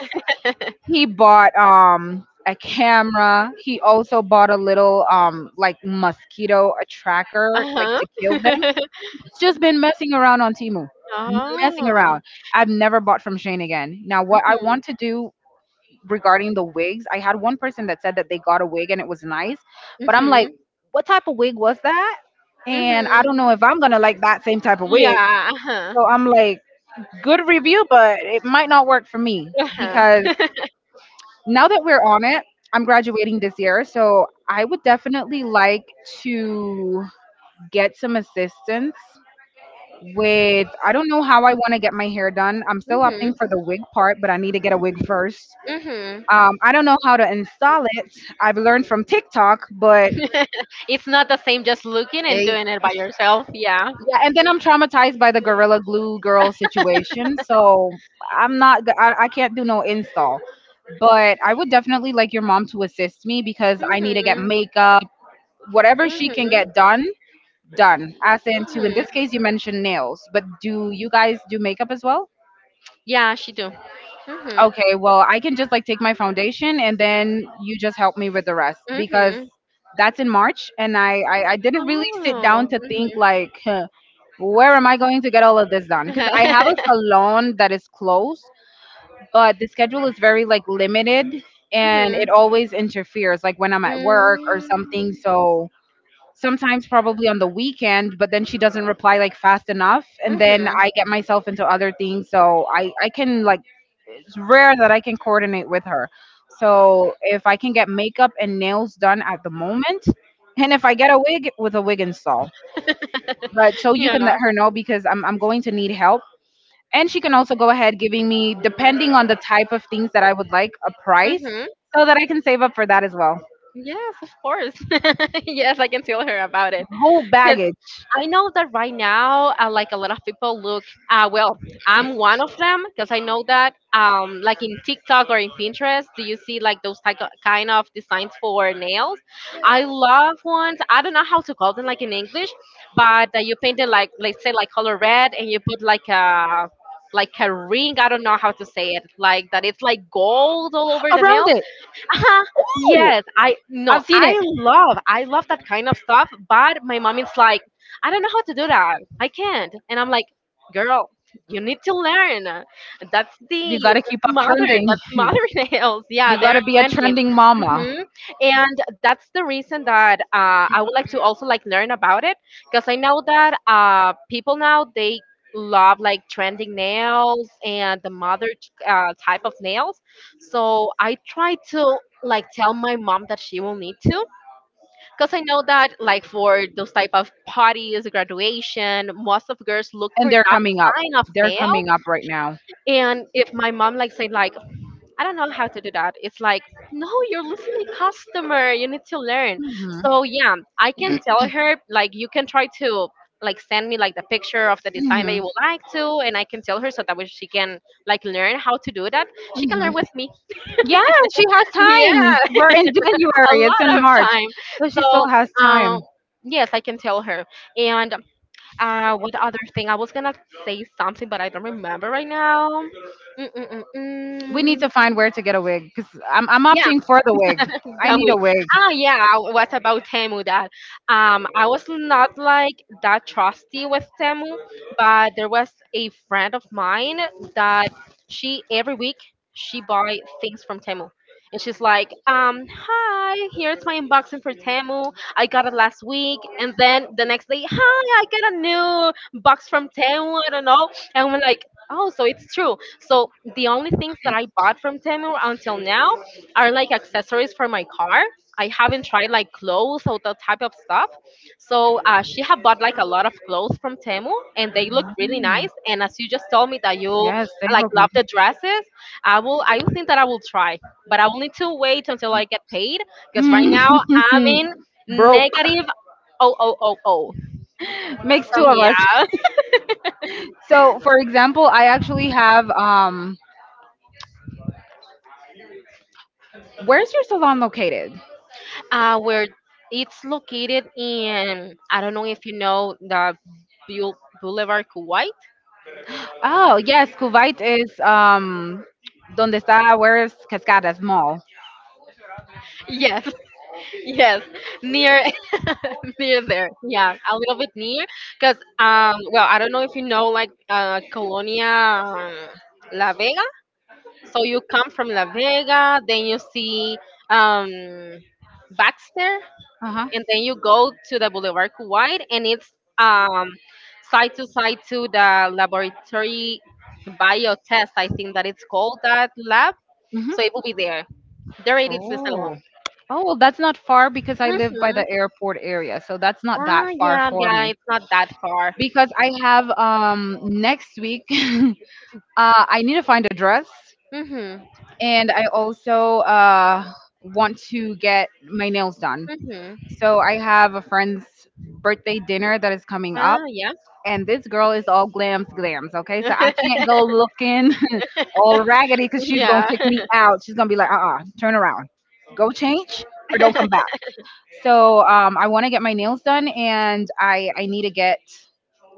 He bought a camera. He also bought a little like mosquito a tracker like Uh-huh. to kill them. It's just been messing around on Timu. Messing Oh. around. I've never bought from Shane again. Now what I Mhm. want to do regarding the wigs, I had one person that said that they got a wig and it was nice, but I'm like, Mhm. what type of wig was that? And I Mhm. don't know if I'm going to like that same type of wig. Yeah. Uh-huh. So I'm like, good review, but it might not work for me Uh-huh. because now that we're on it, I'm graduating this year, so I would definitely like to get some assistance with. I don't know how I want to get my hair done. I'm still opting Mhm. for the wig part, but I need to get a wig first. Mhm. I don't know how to install it. I've learned from TikTok, but It's not the same just looking and eh, doing it by yourself. Yeah. yeah, and then I'm traumatized by the Gorilla Glue girl situation, so I'm not. I can't do no install, but I would definitely like your mom to assist me because I need to get Mhm. makeup. Whatever she can Mhm. get done, done. As into in Mhm. this case, you mentioned nails, but do you guys do makeup as well? Yeah, she do. Mhm. Okay, well, I can just like take my foundation and then you just help me with the rest because Mhm. that's in March, and I didn't really sit down Oh. to Mhm. think like huh, where am I going to get all of this done? Because I have Mhm. a salon that is closed, but the schedule is very like limited, and it Mhm. always interferes like when I'm at work or something. Mm. So sometimes probably on the weekend, but then she doesn't reply like fast enough, and then Mhm. I get myself into other things, so I can like, it's rare that I can coordinate with her. So if I can get makeup and nails done at the moment, and if I get a wig with a wig install, but so you can let Yeah. her know because I'm going to need help, and she can also go ahead giving me, depending on the type of things that I would like, a price, Mm-hmm. so that I can save up for that as well. Yes, of course. yes, I can tell her about it Whole because baggage I know that right now, like a lot of people look. Well, I'm one of them because I know that, like in TikTok or in Pinterest, do you see like those kind of designs for nails? I love ones. I don't know how to call them like in English, but you paint it like let's say like color red, and you put like a ring. I don't know how to say it. Like that, it's like gold all over the around nails it. Uh-huh. Ooh, Yes, I no, I've seen it. I love that kind of stuff, but my mom is like, I don't know how to do that. I can't. And I'm like, girl, you need to learn. That's You the gotta that's keep up modern. trending. That's You modern nails. Yeah, they're gotta be a trending. trending mama. Hmm. And that's the reason that I would like to also like learn about it because I know that people now they love like trending nails and the modern type of nails, so I try to like tell my mom that she will need to because I know that like for those type of parties, graduation, most of girls look And for they're that coming up. kind of They're nail. coming up right now. And if my mom like say like I don't know how to do that, it's like no, you're losing a customer. You need to learn. Hmm. So yeah, I can tell her like you can try to like send me like the picture of the design that Hmm. you would like to and I can tell her so that way she can like learn how to do that. She can Hmm. learn with me. Yeah, she has Yeah. time. We're in A January. It's lot in of March, time. so she still So, has um, time. yes, I can tell her. And what other thing? I was gonna say something, but I don't remember right now. We Mm-mm-mm-mm. need to find where to get a wig because I'm opting for the wig. I that need a we wig. ah Yeah, what about Temu? That I was not like that trusty with Temu, but there was a friend of mine that she every week she buy things from Temu. And she's like, hi, here's my unboxing for Temu. I got it last week. And then the next day, hi, I got a new box from Temu. I don't know. And we're like, oh, so it's true. So the only things that I bought from Temu until now are like accessories for my car. I haven't tried like clothes or that type of stuff. So she had bought like a lot of clothes from Temu, and they look really Mm. nice. And as you just told me that you Yes, they like look love the dresses, I will think that I will try, but I will need to wait until I get paid because right nice. now I'm Mm. in Broke negative. Oh, oh, oh, oh. makes So two of us. yeah, So, for example, I actually have. Where's your salon located? Where it's located in, I don't know if you know the Boulevard Kuwait. Oh, yes, Kuwait is donde está, where is Cascadas Mall. Yes. Yes, near near there. Yeah, a little bit near because well, I don't know if you know like Colonia La Vega. So you come from La Vega, then you see um Baxter, Uh-huh. and then you go to the Boulevard Kuwait, and it's um side to side to the laboratory biotest, I think that it's called that lab. Hmm. So it will be there. There it is, it's alone. Oh. Oh, well, that's not far because I live by Mm-hmm. the airport area, so that's not Ah, that far yeah, for yeah, me. it's not that far. Because I have next week, I need to find a dress, Mm-hmm. and I also want to get my nails done. Mm-hmm. So I have a friend's birthday dinner that is coming up. Ah, yeah. And this girl is all glams glams, okay, so I can't go looking all raggedy because she's gonna Yeah. kick me out. She's gonna be like, uh-uh, turn around, go change, or don't come back. So I want to get my nails done, and I need to get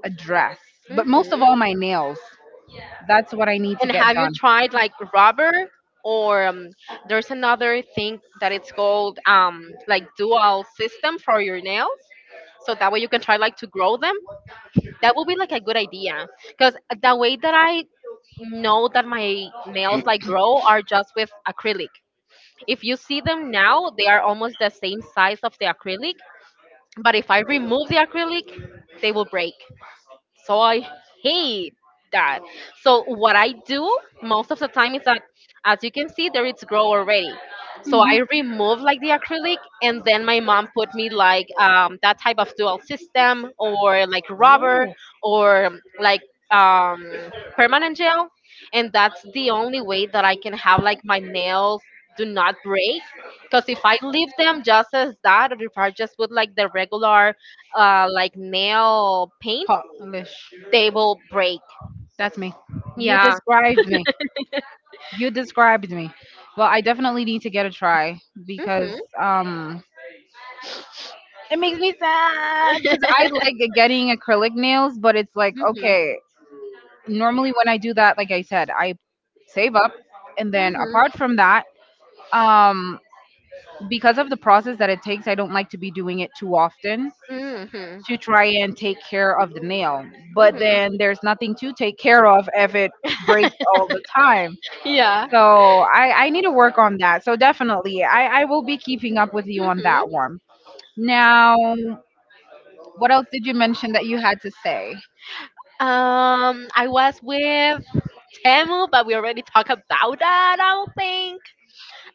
a dress, but most of Mm-hmm. all my nails. That's what I need to And get have you done. tried like rubber or there's another thing that it's called like dual system for your nails? So that way you can try like to grow them. That would be like a good idea because the way that I know that my nails like grow are just with acrylic. If you see them now, they are almost the same size of the acrylic. But if I remove the acrylic, they will break. So I hate that. So what I do most of the time is that, as you can see, there it's grow already. So I remove like the acrylic, and then my mom put me like that type of dual system, or like rubber, or like um, permanent gel, and that's the only way that I can have like my nails do not break. Because if I leave them just as that, or if I just put like the regular like nail paint, Polish. they will break. That's me. You Yeah. described me. You described me. Well, I definitely need to get a try because Mhm. um it makes me sad because I like getting acrylic nails, but it's like, Mhm. okay, normally when I do that, like I said, I save up. And then Mhm. apart from that, um, because of the process that it takes, I don't like to be doing it too often Mhm. to try and take care of the nail. But Mhm. then there's nothing to take care of if it breaks all the time. Yeah. So I need to work on that. So definitely, I will be keeping up with you on Mhm. that one. Now, what else did you mention that you had to say? I was with Temu, but we already talked about that. I don't think.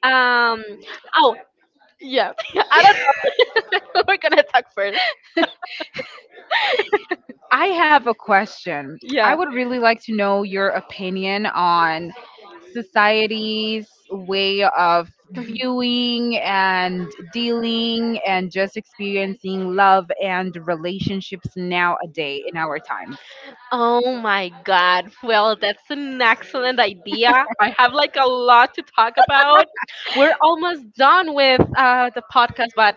Um. Oh, yeah. I don't know. We're gonna talk first. I have a question. I Yeah. would really like to know your opinion on society's way of viewing and dealing and just experiencing love and relationships nowadays in our times. Oh my god. Well, that's an excellent idea. I have like a lot to talk about. We're almost done with the podcast, but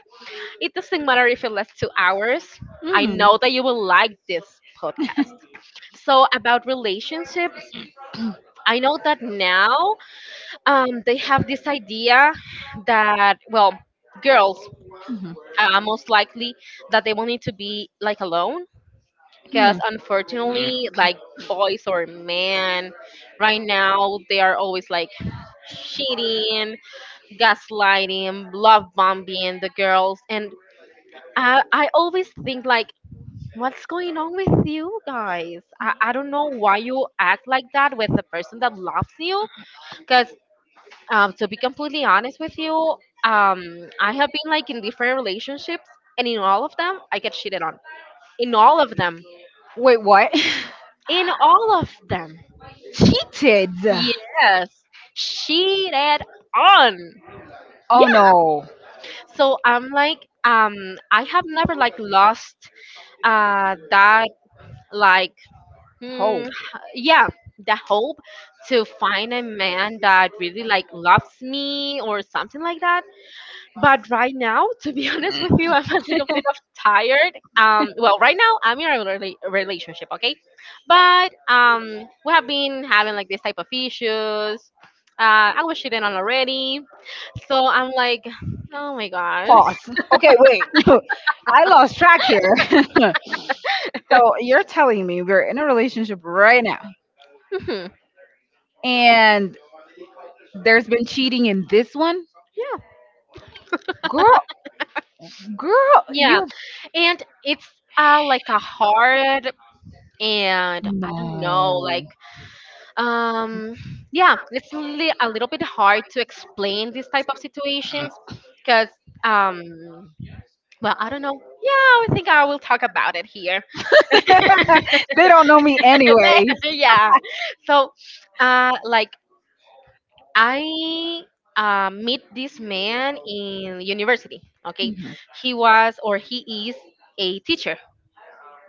it doesn't matter if it lasts 2 hours. I Hmm. know that you will like this podcast. So, about relationships, I know that now they have this idea that, well, girls Hmm. Most likely that they will need to be like alone Hmm. because unfortunately, like boys or men right now, they are always like cheating, gaslighting, love bombing the girls. And I always think like, what's going on with you guys? I don't know why you act like that with the person that loves you. Because to be completely honest with you, um, I have been like in different relationships, and in all of them, I get cheated on. In all of them. Wait, what? In all of them. Cheated. Yes, cheated on. Yeah. Oh no. So I'm like, I have never like lost that like Mm, Hope. yeah, the hope to find a man that really like loves me or something like that. But right now, to be honest with you, I'm a little bit of tired. Well, right now I'm in a relationship, okay? But we have been having like this type of issues. I was cheating on already, so I'm like, oh my god. Pause. Okay, wait. I lost track here. So you're telling me we're in a relationship right now, Mhm. and there's been cheating in this one, Yeah. girl, girl, Yeah, you and it's like a hard, and I don't no. know, like, um, yeah, it's a little bit hard to explain these type of situations because, um, well, I don't know. Yeah, I think I will talk about it here. They don't know me anyways. Later. Yeah. So, like, I meet this man in university. Okay, Mhm. he was, or he is, a teacher.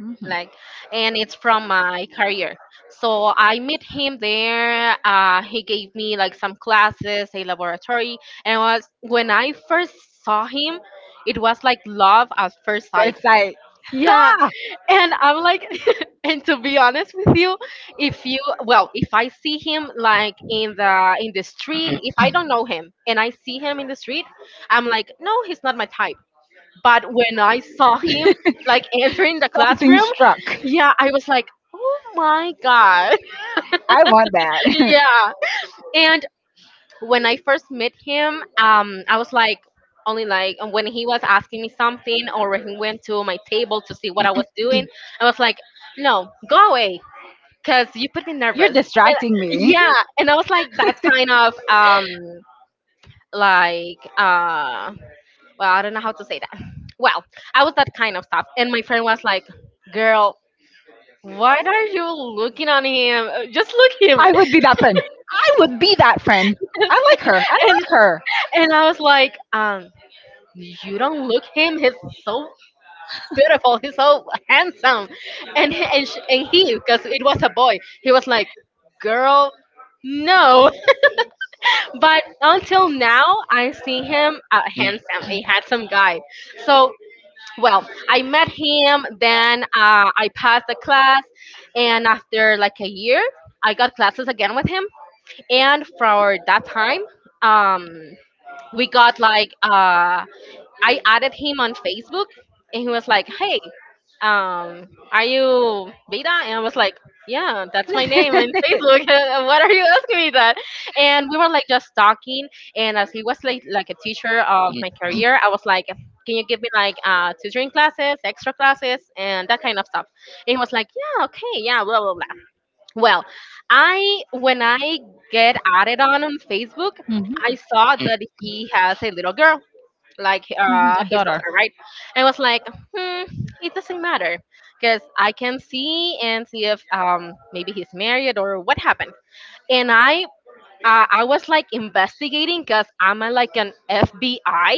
Mhm. Like, and it's from my career, so I met him there. He gave me like some classes, a laboratory, and was when I first saw him. It was like love at first sight. First sight, Yeah. ha! And I'm like, and to be honest with you, if you, well, if I see him like in the street, if I don't know him and I see him in the street, I'm like, no, he's not my type. But when I saw him like entering the Something classroom, struck. yeah, I was like, oh my god. I want that. Yeah. And when I first met him, I was like, only like when he was asking me something or he went to my table to see what I was doing, I was like, no, go away, cause you put me You're nervous. distracting And, me. yeah, and I was like, that's kind of like well, I don't know how to say that. Well, I was that kind of stuff. And my friend was like, girl, what are you looking on him? Just look him. I would be that friend. I would be that friend. I like her. I And like her. I was like, you don't look him. He's so beautiful. He's so handsome. And he, because it was a boy, he was like, girl, no. But until now, I see him a handsome guy. So, well, I met him, then I passed the class, and after like a year, I got classes again with him. And for that time, um, we got like I added him on Facebook, and he was like, "Hey, are you Beta?" And I was like, "Yeah, that's my name in Facebook. What are you asking me that?" And we were like just talking, and as he was like a teacher of my career, I was like, can you give me like tutoring classes, extra classes, and that kind of stuff? And he was like, "Yeah, okay, yeah, blah blah blah." Well, I, when I get added on Facebook, Mhm. I saw that he has a little girl, like Mhm. A his daughter. daughter, right? I was like, hmm, it doesn't matter, because I can see and see if maybe he's married or what happened. And I, I was like investigating, because I'm a, like an FBI, I,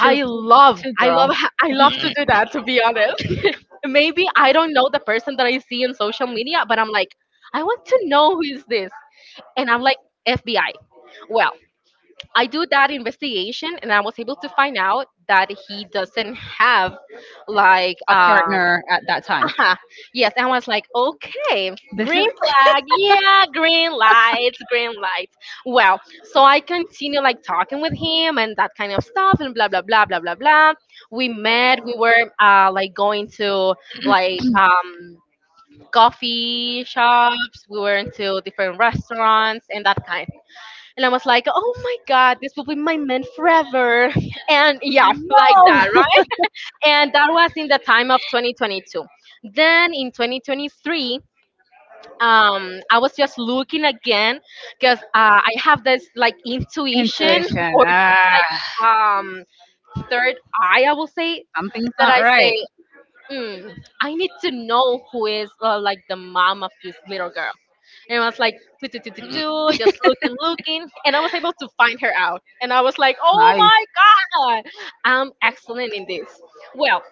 to love to I love girl. I love to do that, to be honest. Maybe I don't know the person that I see in social media, but I'm like, I want to know who is this. And I'm like, FBI. Well, I do that investigation and I was able to find out that he doesn't have like A partner at that time. uh yes. And I was like, okay, This green is flag. Yeah, green lights, green lights. Well, so I continue like talking with him and that kind of stuff and blah blah blah blah blah blah. We met, we were like going to like coffee shops, we went to different restaurants and that kind. And I was like, oh my God, this will be my man forever. And yeah, like that, no. right? And that was in the time of 2022. Then in 2023, I was just looking again because I have this like intuition Intuition, or this ah. like third eye, I will say, Something's that not I say, right. mm, I need to know who is like the mom of this little girl. And I was like, "Tu, tu, tu, tu, tu," just looking, looking, and I was able to find her out. And I was like, oh Nice. my God, I'm excellent in this. Well,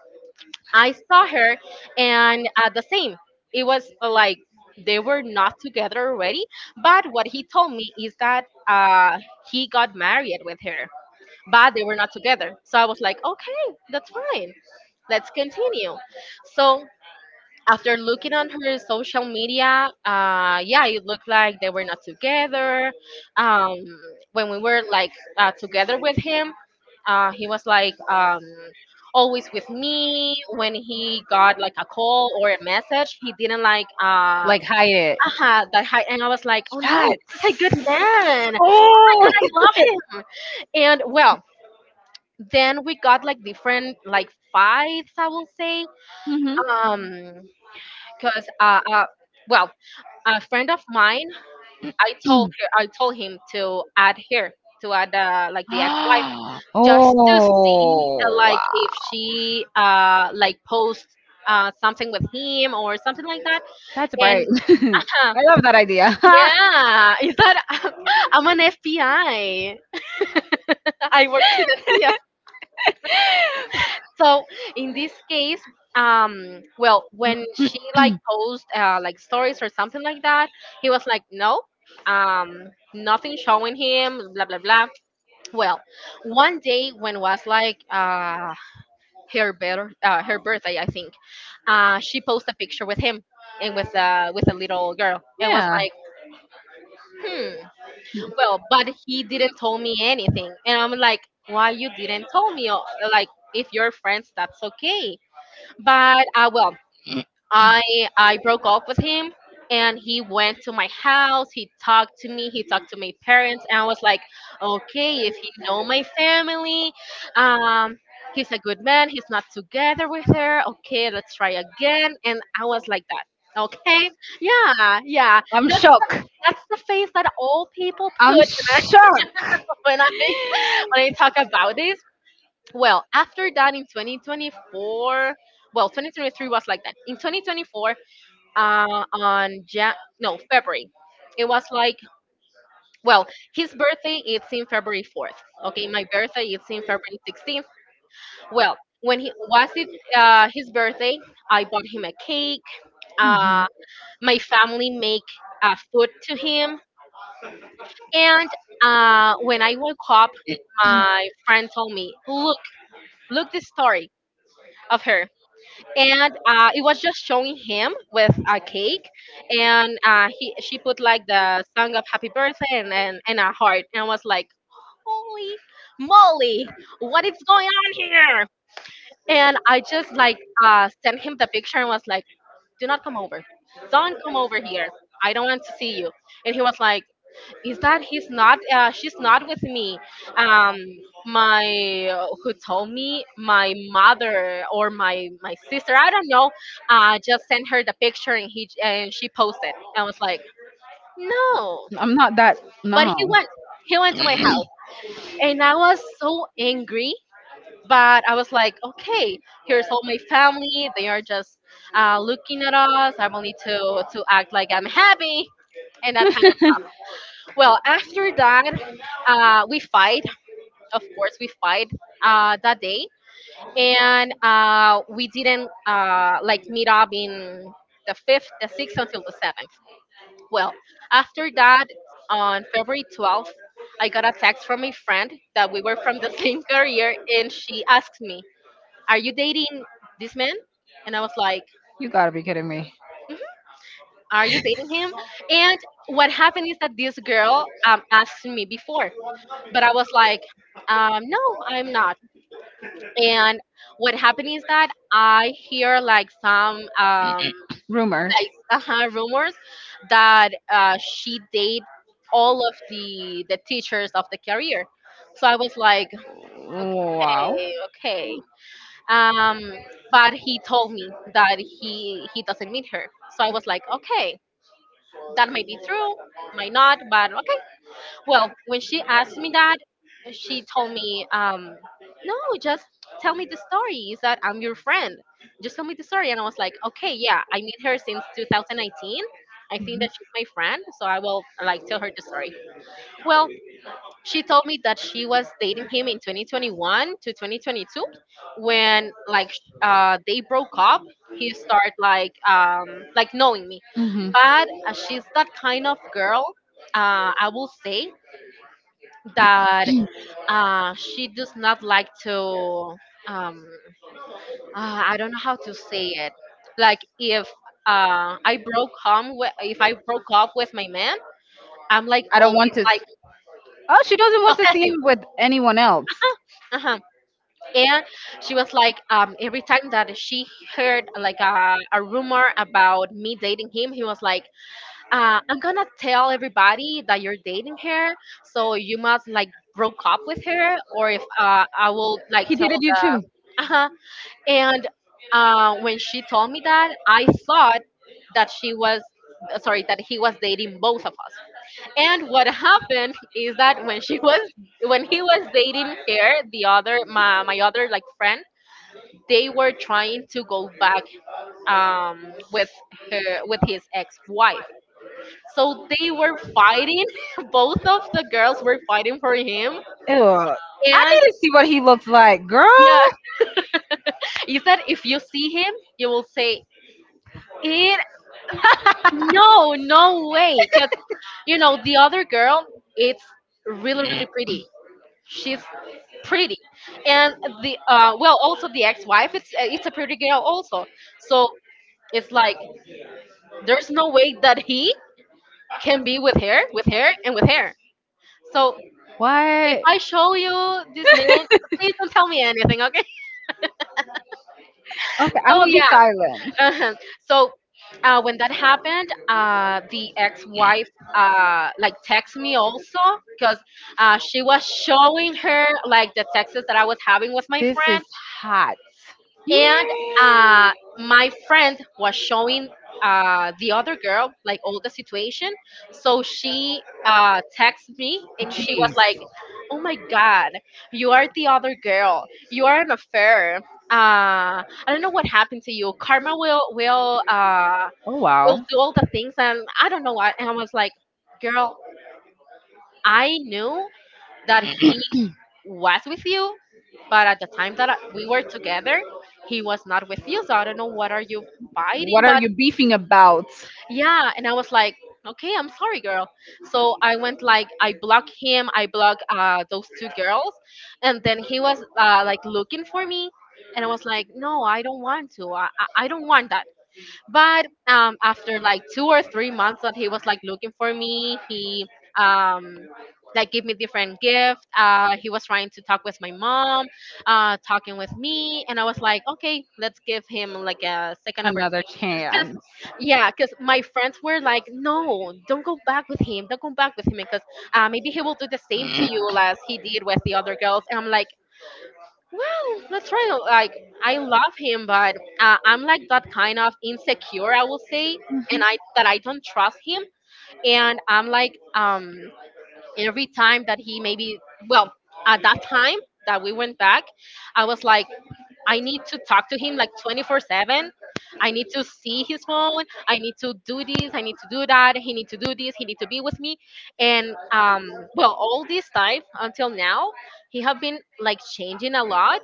I saw her, and the same, it was like they were not together already. But what he told me is that he got married with her, but they were not together. So I was like, okay, that's fine. Let's continue. So after looking on her social media, yeah, it looked like they were not together. Um, when we were like together with him, he was like always with me. When he got like a call or a message, he didn't like Like hide it. That high. And I was like, oh no, this is a good That's. man. Oh. I love him. And well, then we got like different like fights, I will say. Um, because well, a friend of mine, I told Mhm. her, I told him to add her, to add like the ex-wife, just to see Oh, like wow. if she like posts something with him or something like that. That's And bright. I huh, love that idea. yeah is that I'm an FBI, I I work for the, so in this case, well when she like post like stories or something like that, he was like no, nothing showing him, blah blah blah. Well, one day, when was like her birth her birthday, I think, she posted a picture with him and with a little girl, and was Yeah. like, hmm. Well, but he didn't tell me anything, and I'm like, why you didn't tell me? Like if you're friends, that's okay, but well, I I broke off with him, and he went to my house. He talked to me. He talked to my parents, and I was like, okay, if he know my family, um, he's a good man. He's not together with her. Okay, let's try again. And I was like that. Okay, yeah, yeah. I'm That's shocked. The face that all people I'm put shocked. when I talk about this. Well, after that in 2024, well, 2023 was like that. In 2024, on no, February. It was like, well, his birthday is in February 4th. Okay, my birthday is in February 16th. Well, when he was it, his birthday, I bought him a cake. Mhm. Uh, my family make food to him, and when I woke up, my friend told me, "Look, look the story of her." And it was just showing him with a cake, and he she put like the song of Happy Birthday and and a heart, and I was like, holy moly, what is going on here? And I just like sent him the picture and was like, do not come over, don't come over here, I don't want to see you. And he was like, "Is that he's not she's not with me, um my, who told me, my mother or my sister, I don't know, just sent her the picture and he and she posted?" And I was like, "No." I'm not that. But No. he went, he went to my house, and I was so angry, but I was like, "Okay, here's all my family, they are just looking at us, I will need to act like I'm happy." And that kind of, well, after that, we fight, of course we fight, that day. And we didn't, like meet up in the fifth, the sixth, until the seventh. Well, after that, on February 12th, I got a text from a friend that we were from the same career, and she asked me, "Are you You. dating this man?" And I was like, Like, gotta be kidding me. "Are you dating him?" And what happened is that this girl, asked me before, but I was like, "No, I'm not." And what happened is that I hear like some Rumors. like rumors that she date all of the teachers of the career. So I was like, Like, wow. "Okay, okay." Um, but he told me that he doesn't meet her. So I was like, "Okay, that might be true, might not, but okay." Well, when she asked me that, she told me, "No, just tell me the story. Is that I'm your friend? Just tell me the story." And I was like, "Okay, yeah, I meet her since 2019. I think that she's my friend, so I will like tell her the story." Well, she told me that she was dating him in 2021 to 2022, when like they broke up. He started like knowing me, Hmm. but she's that kind of girl. I will say that she does not like to, um, I don't know how to say it, like if I broke home wi- if I broke up with my man, I'm like I don't always want to. like Like. Oh, she doesn't want to, okay, see possessive. him with anyone else. Uh-huh. And she was like, every time that she heard like a rumor about me dating him, he was like, "I'm gonna tell everybody that you're dating her, so you must like broke up with her, or if I will like He tell dated you the." too. Uh-huh. And when she told me that, I thought that she was, sorry, that he was dating both of us. And what happened is that when she was, when he was dating her, the other, my other like friend, they were trying to go back with her, with his ex wife, so they were fighting. Both of the girls were fighting for him. Ew. I And need to see what he looks like, girl. yeah, he said if you see him, you will say it. No, no way. Cause you know the other girl, it's really really pretty. She's pretty, and the well, also the ex-wife, it's it's a pretty girl also. So it's like there's no way that he can be with her, and with her. So if What? I show you this man, please don't tell me anything, okay? Okay, I'm So gonna be yeah, silent. uh-huh. So when that happened, the ex-wife like text me also because she was showing her like the texts that I was having with my This is friend, hot. and Yeah. uh, my friend was showing the other girl like all the situation, so she texted me and she was Jeez. like, "Oh my god, you are the other girl, you are an affair, I don't know what happened to you, karma will Oh will wow. do all the things," and I don't know what. And I was like, "Girl, I knew that he was with you, but at the time that we were together, he was not with you. So I don't know what are you fighting," What are but you beefing about? yeah. And I was like, "Okay, I'm sorry, girl." So I went like I blocked him, I blocked those two girls, and then he was like looking for me, and I was like, "No, I don't want to. I don't want that." But after like 2 or 3 months that he was like looking for me, he um like gave me different gift, he was trying to talk with my mom, talking with me, and I was like, "Okay, let's give him like a second Another opportunity." Because chance. yeah, because my friends were like, "No, don't go back with him, don't go back with him, because maybe he will do the same to you as he did with the other girls." And I'm like, well, that's right. Like I love him, but I'm like that kind of insecure, I will say, and I that I don't trust him, and I'm like every time that he maybe, well, at that time that we went back, I was like I need to talk to him like 24 seven. I need to see his phone. I need to do this. I need to do that. He need to do this. He need to be with me. And well, all this time until now, he have been like changing a lot,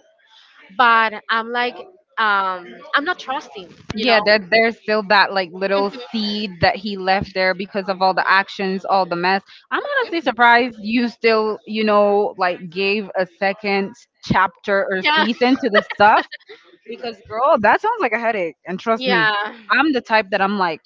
but I'm like, I'm not trusting, you know. Yeah, there, there's still that like little Mhm, seed that he left there because of all the actions, all the mess. I'm honestly mhm. surprised you still, you know, like gave a second chapter or Yeah, season to the stuff. Because girl, that sounds like a headache. And trust me, yeah. I'm the type that I'm like,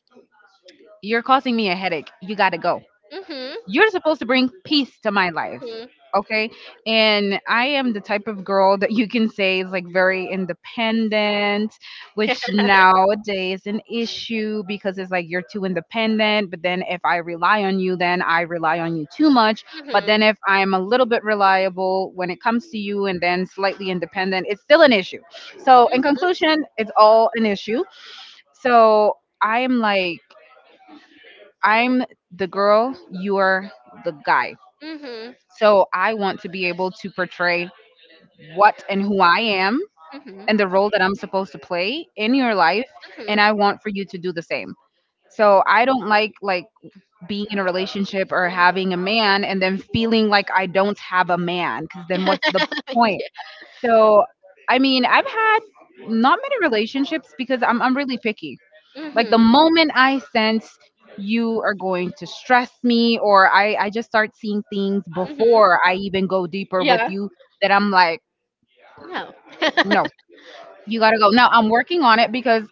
you're causing me a headache. You gotta go, Mhm, you're supposed to bring peace to my life, mhm, okay. And I am the type of girl that you can say is like very independent, which nowadays is an issue because it's like you're too independent, but then if I rely on you then I rely on you too much. But mhm, then if I'm a little bit reliable when it comes to you and then slightly independent, it's still an issue. So in mhm, conclusion it's all an issue. So I'm like, I'm the girl, you're the guy. mhm, So I want to be able to portray what and who I am mhm, and the role that I'm supposed to play in your life, and I want for you to do the same. So I don't like being in a relationship or having a man and then feeling like I don't have a man, cuz then what's the point? So I mean, I've had not many relationships because I'm really picky. Like the mhm, moment I sense you are going to stress me, or I just start seeing things mhm. before I even go deeper with Yeah. you, that I'm like, No. no, you got to go. Now I'm working on it because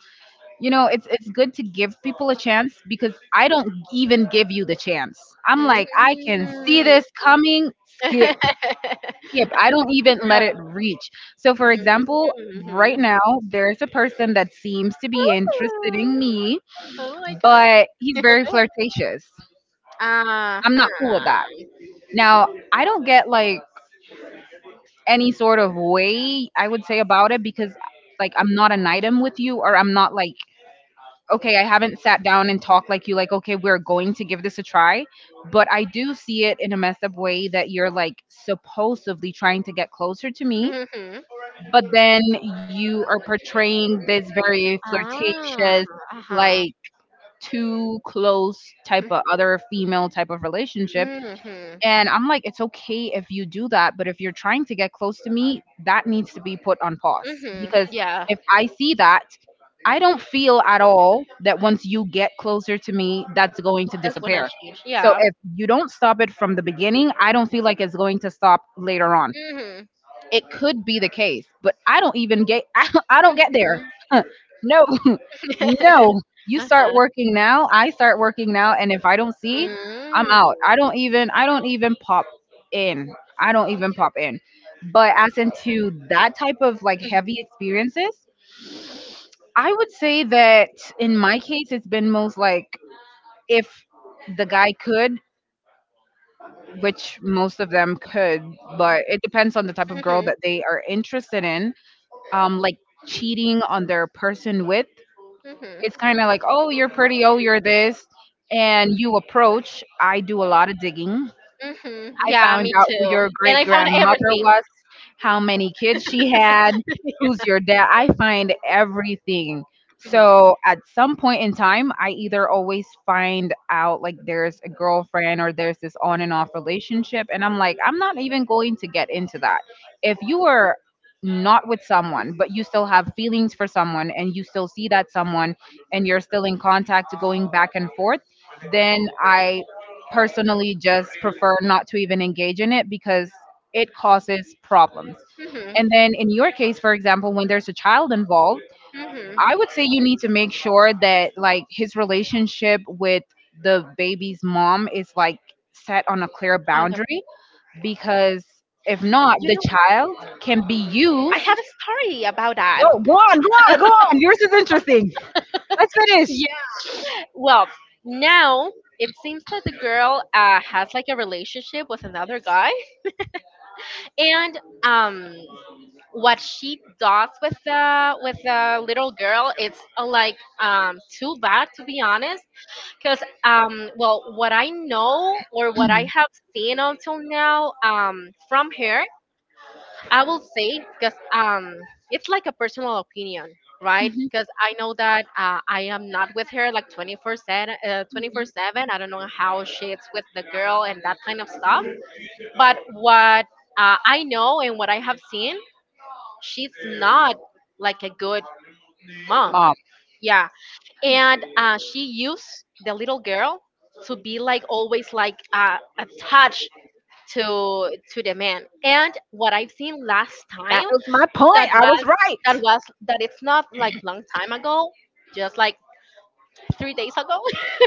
you know it's good to give people a chance, because I don't even give you the chance. I'm like, I can see Mm. this coming, skip, skip, I don't even Yeah. let it reach. So for example, right Mhm. now there's a person that seems to be interested in Ooh. me, Oh my god. but he's very flirtatious. Uh-huh. I'm not cool with that. Now, I don't get like any sort of way I would say about it, because like I'm not an item with you, or I'm not like, okay, I haven't sat down and talked, like you like, okay, we're going to give this a try. But I do see it in a messed up way, that you're like supposedly trying to get closer to me, Mhm. but then you are portraying this very Ah, flirtatious, uh-huh. like too close type of other female type of relationship. Mhm. And I'm like, it's okay if you do that, but if you're trying to get close to me, that needs to be put on pause. Mhm. Because Yeah, if I see that, I don't feel at all that once you get closer to me, that's going to that's gonna disappear. change. So Yeah. if you don't stop it from the beginning, I don't feel like it's going to stop later on. Mhm. It could be the case, but I don't even get I don't get there. Mhm. Huh. No. No. You start uh-huh. working now, I start working now, and if I don't see, I'm Mm. out. I don't even pop in. I don't even pop in. But as into that type of like heavy experiences, I would say that in my case it's been most like, if the guy could, which most of them could, but it depends on the type of girl Mhm. that they are interested in, like cheating on their person with. It's Mhm. kind of like, oh, you're pretty, oh, you're this, and you approach. I do a lot of digging. Mhm. I Yeah, found me out who too. your And great I found grandmother everything. was, how many kids she had, who's your dad. I find everything. So at some point in time, I either always find out like there's a girlfriend or there's this on and off relationship. And I'm like, I'm not even going to get into that. If you are not with someone, but you still have feelings for someone and you still see that someone and you're still in contact going back and forth, then I personally just prefer not to even engage in it, because it causes problems. Mhm. And then in your case, for example, when there's a child involved, Mhm. I would say you need to make sure that like his relationship with the baby's mom is like set on a clear On the, boundary, because if not, you the know, child can be I used. have a story about that. Go, go on, go on, go on. Yours is interesting. Let's finish. Yeah. Well, now it seems that the girl has like a relationship with another guy, and um what she does with the little girl, it's like too bad, to be honest, because well what I know or what I have seen until now from her, I will say, because it's like a personal opinion, right, because I know that I am not with her like 24 7, 24 7, I don't know how she's with the girl and that kind of stuff. But what I know and what I have seen, she's not like a good mom. Mom, Yeah, and she used the little girl to be like always like attached to to the man. And what I've seen last that time, was my that point. I was, was right. that was, that it's not like long time ago, just like 3 days ago.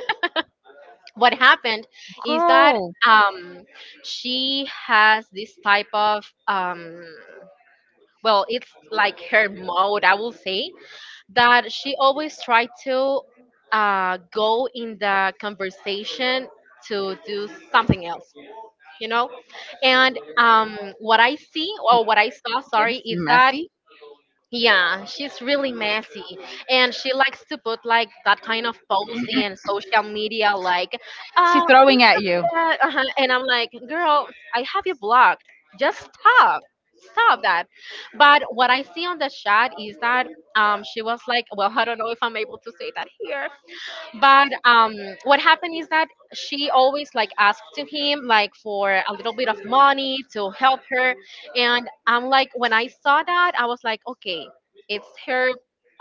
What happened is that Girl, um, she has this type of well, it's like her mode, I will say, that she always tried to go in the conversation to do something else, you know. And what I see or what I saw, sorry, it's is that messy. yeah, she's really messy, and she likes to put like that kind of post in social media, like, uh, She's throwing at you. yeah, uh-huh. And I'm like, "Girl, I have you blocked. Just stop, stop that." But what I see on the chat is that she was like, well, I don't know if I'm able to say that here, but what happened is that she always like asked to him like for a little bit of money to help her. And I'm like, when I saw that, I was like, okay, it's her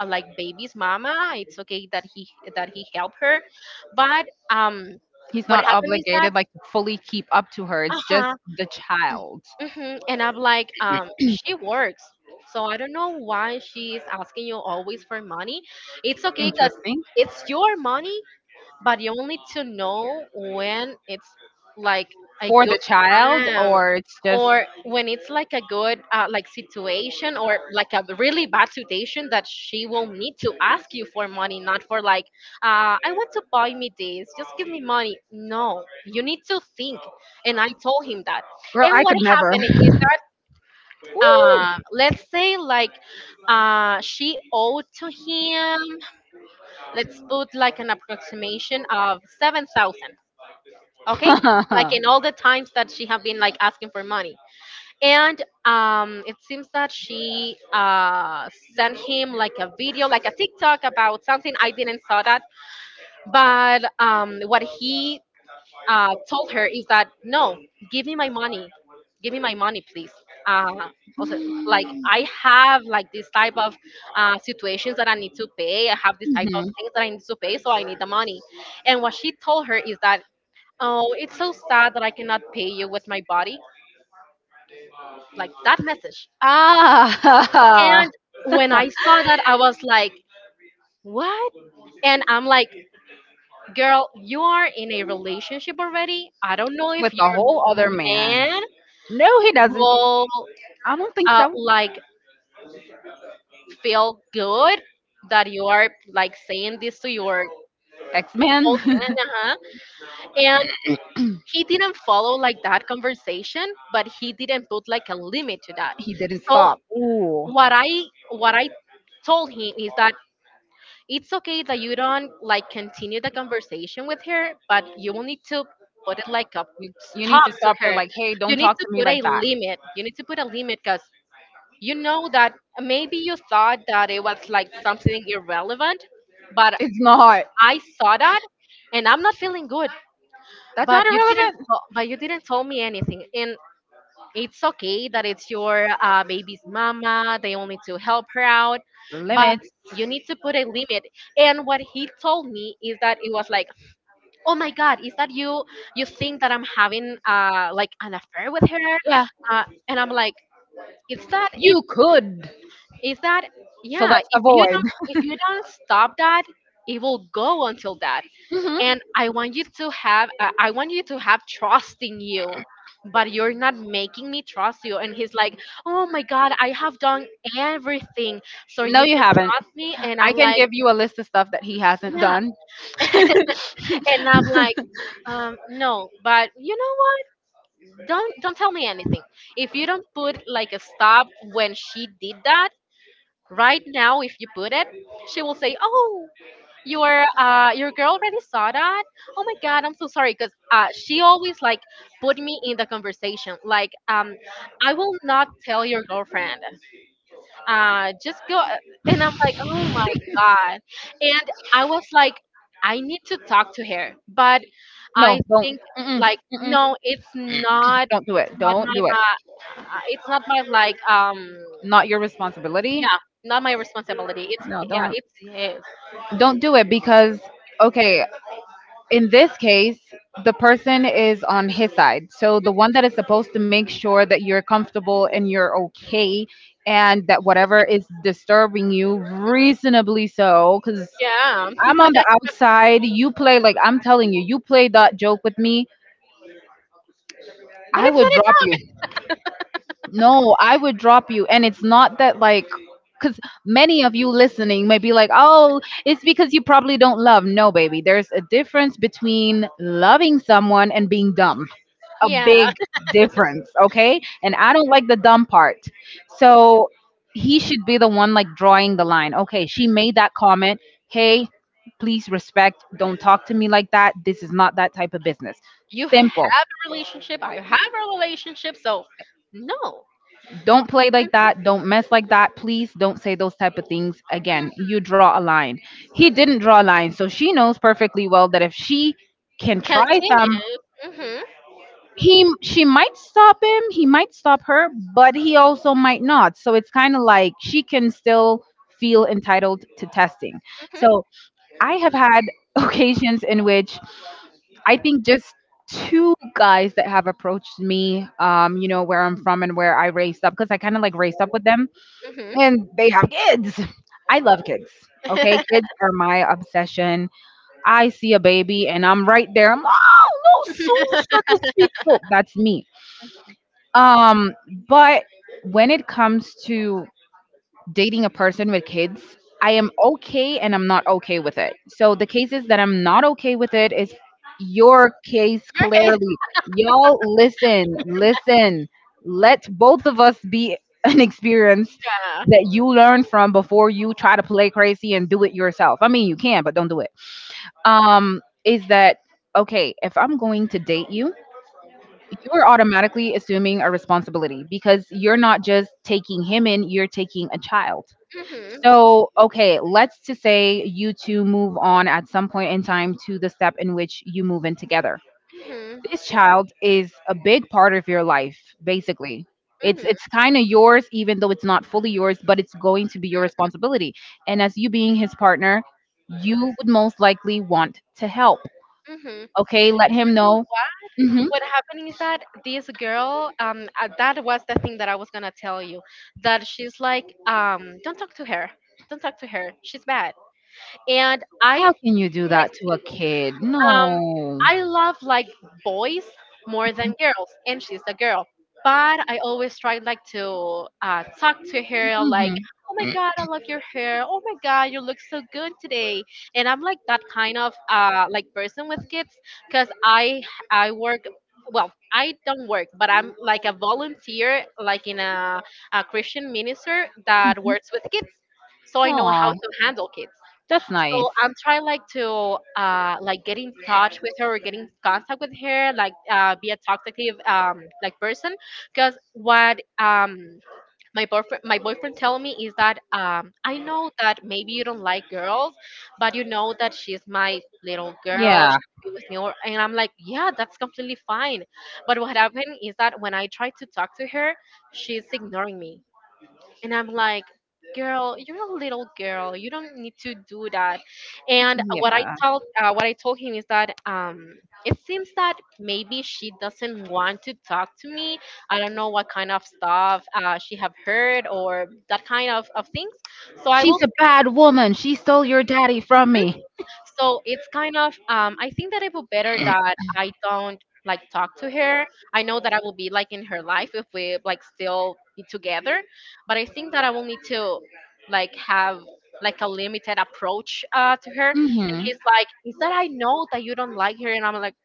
like baby's mama, it's okay that he helped her, but He's what not happened is that, obligated like to fully keep up to her. It's just uh-huh, the child. hmm. And I'm like, she works, so I don't know why she's asking you always for money. It's okay because Interesting. it's your money, but you only to know when it's like a For the good child time, or it's just or when it's like a good like situation, or like a really bad situation, that she will need to ask you for money, not for like, "I want to buy me this, just give me money." No, you need to think. And I told him that. girl, And I what could never. happened is that Woo. Let's say like she owed to him, let's put like an approximation of 7,000, okay, like in all the times that she have been like asking for money. And it seems that she sent him like a video, like a tiktok about something, I didn't saw that, but what he told her is that, "No, give me my money, give me my money, please, uh also, like I have like this type of situations that I need to pay, I have this type of Mhm. things that I need to pay, so I need the money." And what she told her is that, "Oh, it's so sad that I cannot pay you with my body," like that message. Ah, And when I saw that, I was like, what? And I'm like, girl, you are in a relationship already. I don't know if with a your whole other man. man No, he doesn't. will I don't think so. like feel good that you are like saying this to your X Men, old man. Uh-huh. And he didn't follow like that conversation, but he didn't put like a limit to that. he didn't So stop. Ooh, what I what I told him is that it's okay that you don't like continue the conversation with her, but you will need to put it like a you need stop to to stop her. her. Like, hey, don't You need talk to to me put a like that. limit. You need to put a limit because you know that maybe you thought that it was like something irrelevant, but It's not. I saw that and I'm not feeling good. That's But not you didn't. irrelevant. t- But you didn't tell me anything, and it's okay that it's your baby's mama. They only to help her out, but Limits. you need to put a limit. And what he told me is that it was like, oh my god, is that you? You think that I'm having like an affair with her? Yeah, And I'm like, is that it? you could. Is that So yeah? let's If you avoid. don't, if you don't stop that, it will go until that. Hmm. And I want you to have trust in you, but you're not making me trust you. And he's like, oh my god, I have done everything so No, you you can haven't. trust me. And I'm I can like, give you a list of stuff that he hasn't yeah. done. And I'm like, no, but you know what, don't tell me anything if you don't put like a stop. When she did that right now, if you put it, she will say, oh, your girl already saw that. Oh my god, I'm so sorry, because she always like put me in the conversation like, I will not tell your girlfriend, just go. And I'm like, oh my god. And I was like, I need to talk to her. But No, I don't. think, Mm-mm, like, mm-mm. no, it's not, Don't do it's it. not Don't do it. my it's not my, like, Not your responsibility. yeah, not my responsibility. It's, No, yeah, don't, it's his. don't do it because, okay, in this case the person is on his side, so the one that is supposed to make sure that you're comfortable and you're okay, and that whatever is disturbing you reasonably so. Because Yeah. I'm on the outside, you play like, I'm telling you, you play that joke with me, But I it's would not a drop you. No, I would drop you. And it's not that, like, because many of you listening may be like, oh, it's because you probably don't love. No, baby. There's a difference between loving someone and being dumb. A yeah. big difference, okay? And I don't like the dumb part. So he should be the one, like, drawing the line. Okay, she made that comment. Hey, please respect. Don't talk to me like that. This is not that type of business. You have Simple. a relationship. I have a relationship. So, no. Don't play like that, don't mess like that, please don't say those type of things Mm. again, you draw a line. He didn't draw a line, so she knows perfectly well that if she can try some, Continue. Mhm. he she might stop him, he might stop her, but he also might not. So it's kind of like she can still feel entitled to testing. Mhm. So I have had occasions in which I think just two guys that have approached me, you know, where I'm from and where I raised up, because I kind of like raised up with them, Mhm. and they have kids. I love kids. Okay, kids are my obsession. I see a baby and I'm right there. I'm, oh no, Sue, such a sweet soul. That's me. Um, but when it comes to dating a person with kids, I am okay and I'm not okay with it. So the cases that I'm not okay with it is your case Okay. clearly. Y'all listen, listen. Let both of us be an experience Yeah. that you learn from before you try to play crazy and do it yourself. I mean, you can, but don't do it. Is that, okay, if I'm going to date you, you're automatically assuming a responsibility, because you're not just taking him in, you're taking a child. Mhm. So, okay, let's to say you two move on at some point in time to the step in which you move in together. Mhm. This child is a big part of your life, basically. It's Mhm. it's kind of yours even though it's not fully yours, but it's going to be your responsibility. And as you being his partner, you would most likely want to help. Mhm. You Okay, let him know know. Hmm. what? What happened is that this girl, that was the thing that I was gonna tell you, that she's like, don't talk to her, don't talk to her, she's bad. And How can you do that to a kid? like, No. I love, like, boys more than girls, and she's a girl. But I always try, like, to talk to her like, Hmm. "Oh my God, I love your hair. Oh my God, you look so good today." And I'm like that kind of like person with kids, because I work. Well, I don't work, but I'm like a volunteer, like in a Christian minister that works with kids. So I know how Aw, to handle kids, that's nice. so I'm trying, like, to like get in touch with her, or get in contact with her, like, be a talkative, like person. Because what my boyfriend tell me is that, I know that maybe you don't like girls, but you know that she's my little girl. She Yeah. can be with me. Or, and I'm like, yeah, that's completely fine. But what happened is that when I try to talk to her, she's ignoring me, and I'm like, girl, you're a little girl. You don't need to do that. And Yeah. What I told him is that, it seems that maybe she doesn't want to talk to me. I don't know what kind of stuff she have heard, or that kind of things. So I She's will. a bad woman. She stole your daddy from me. So it's kind of, I think that it would better that I don't like talk to her. I know that I will be like in her life if we like still be together, but I think that I will need to, like, have, like, a limited approach to her. And Hmm. he's like, "Is that I know that you don't like her?" And I'm like,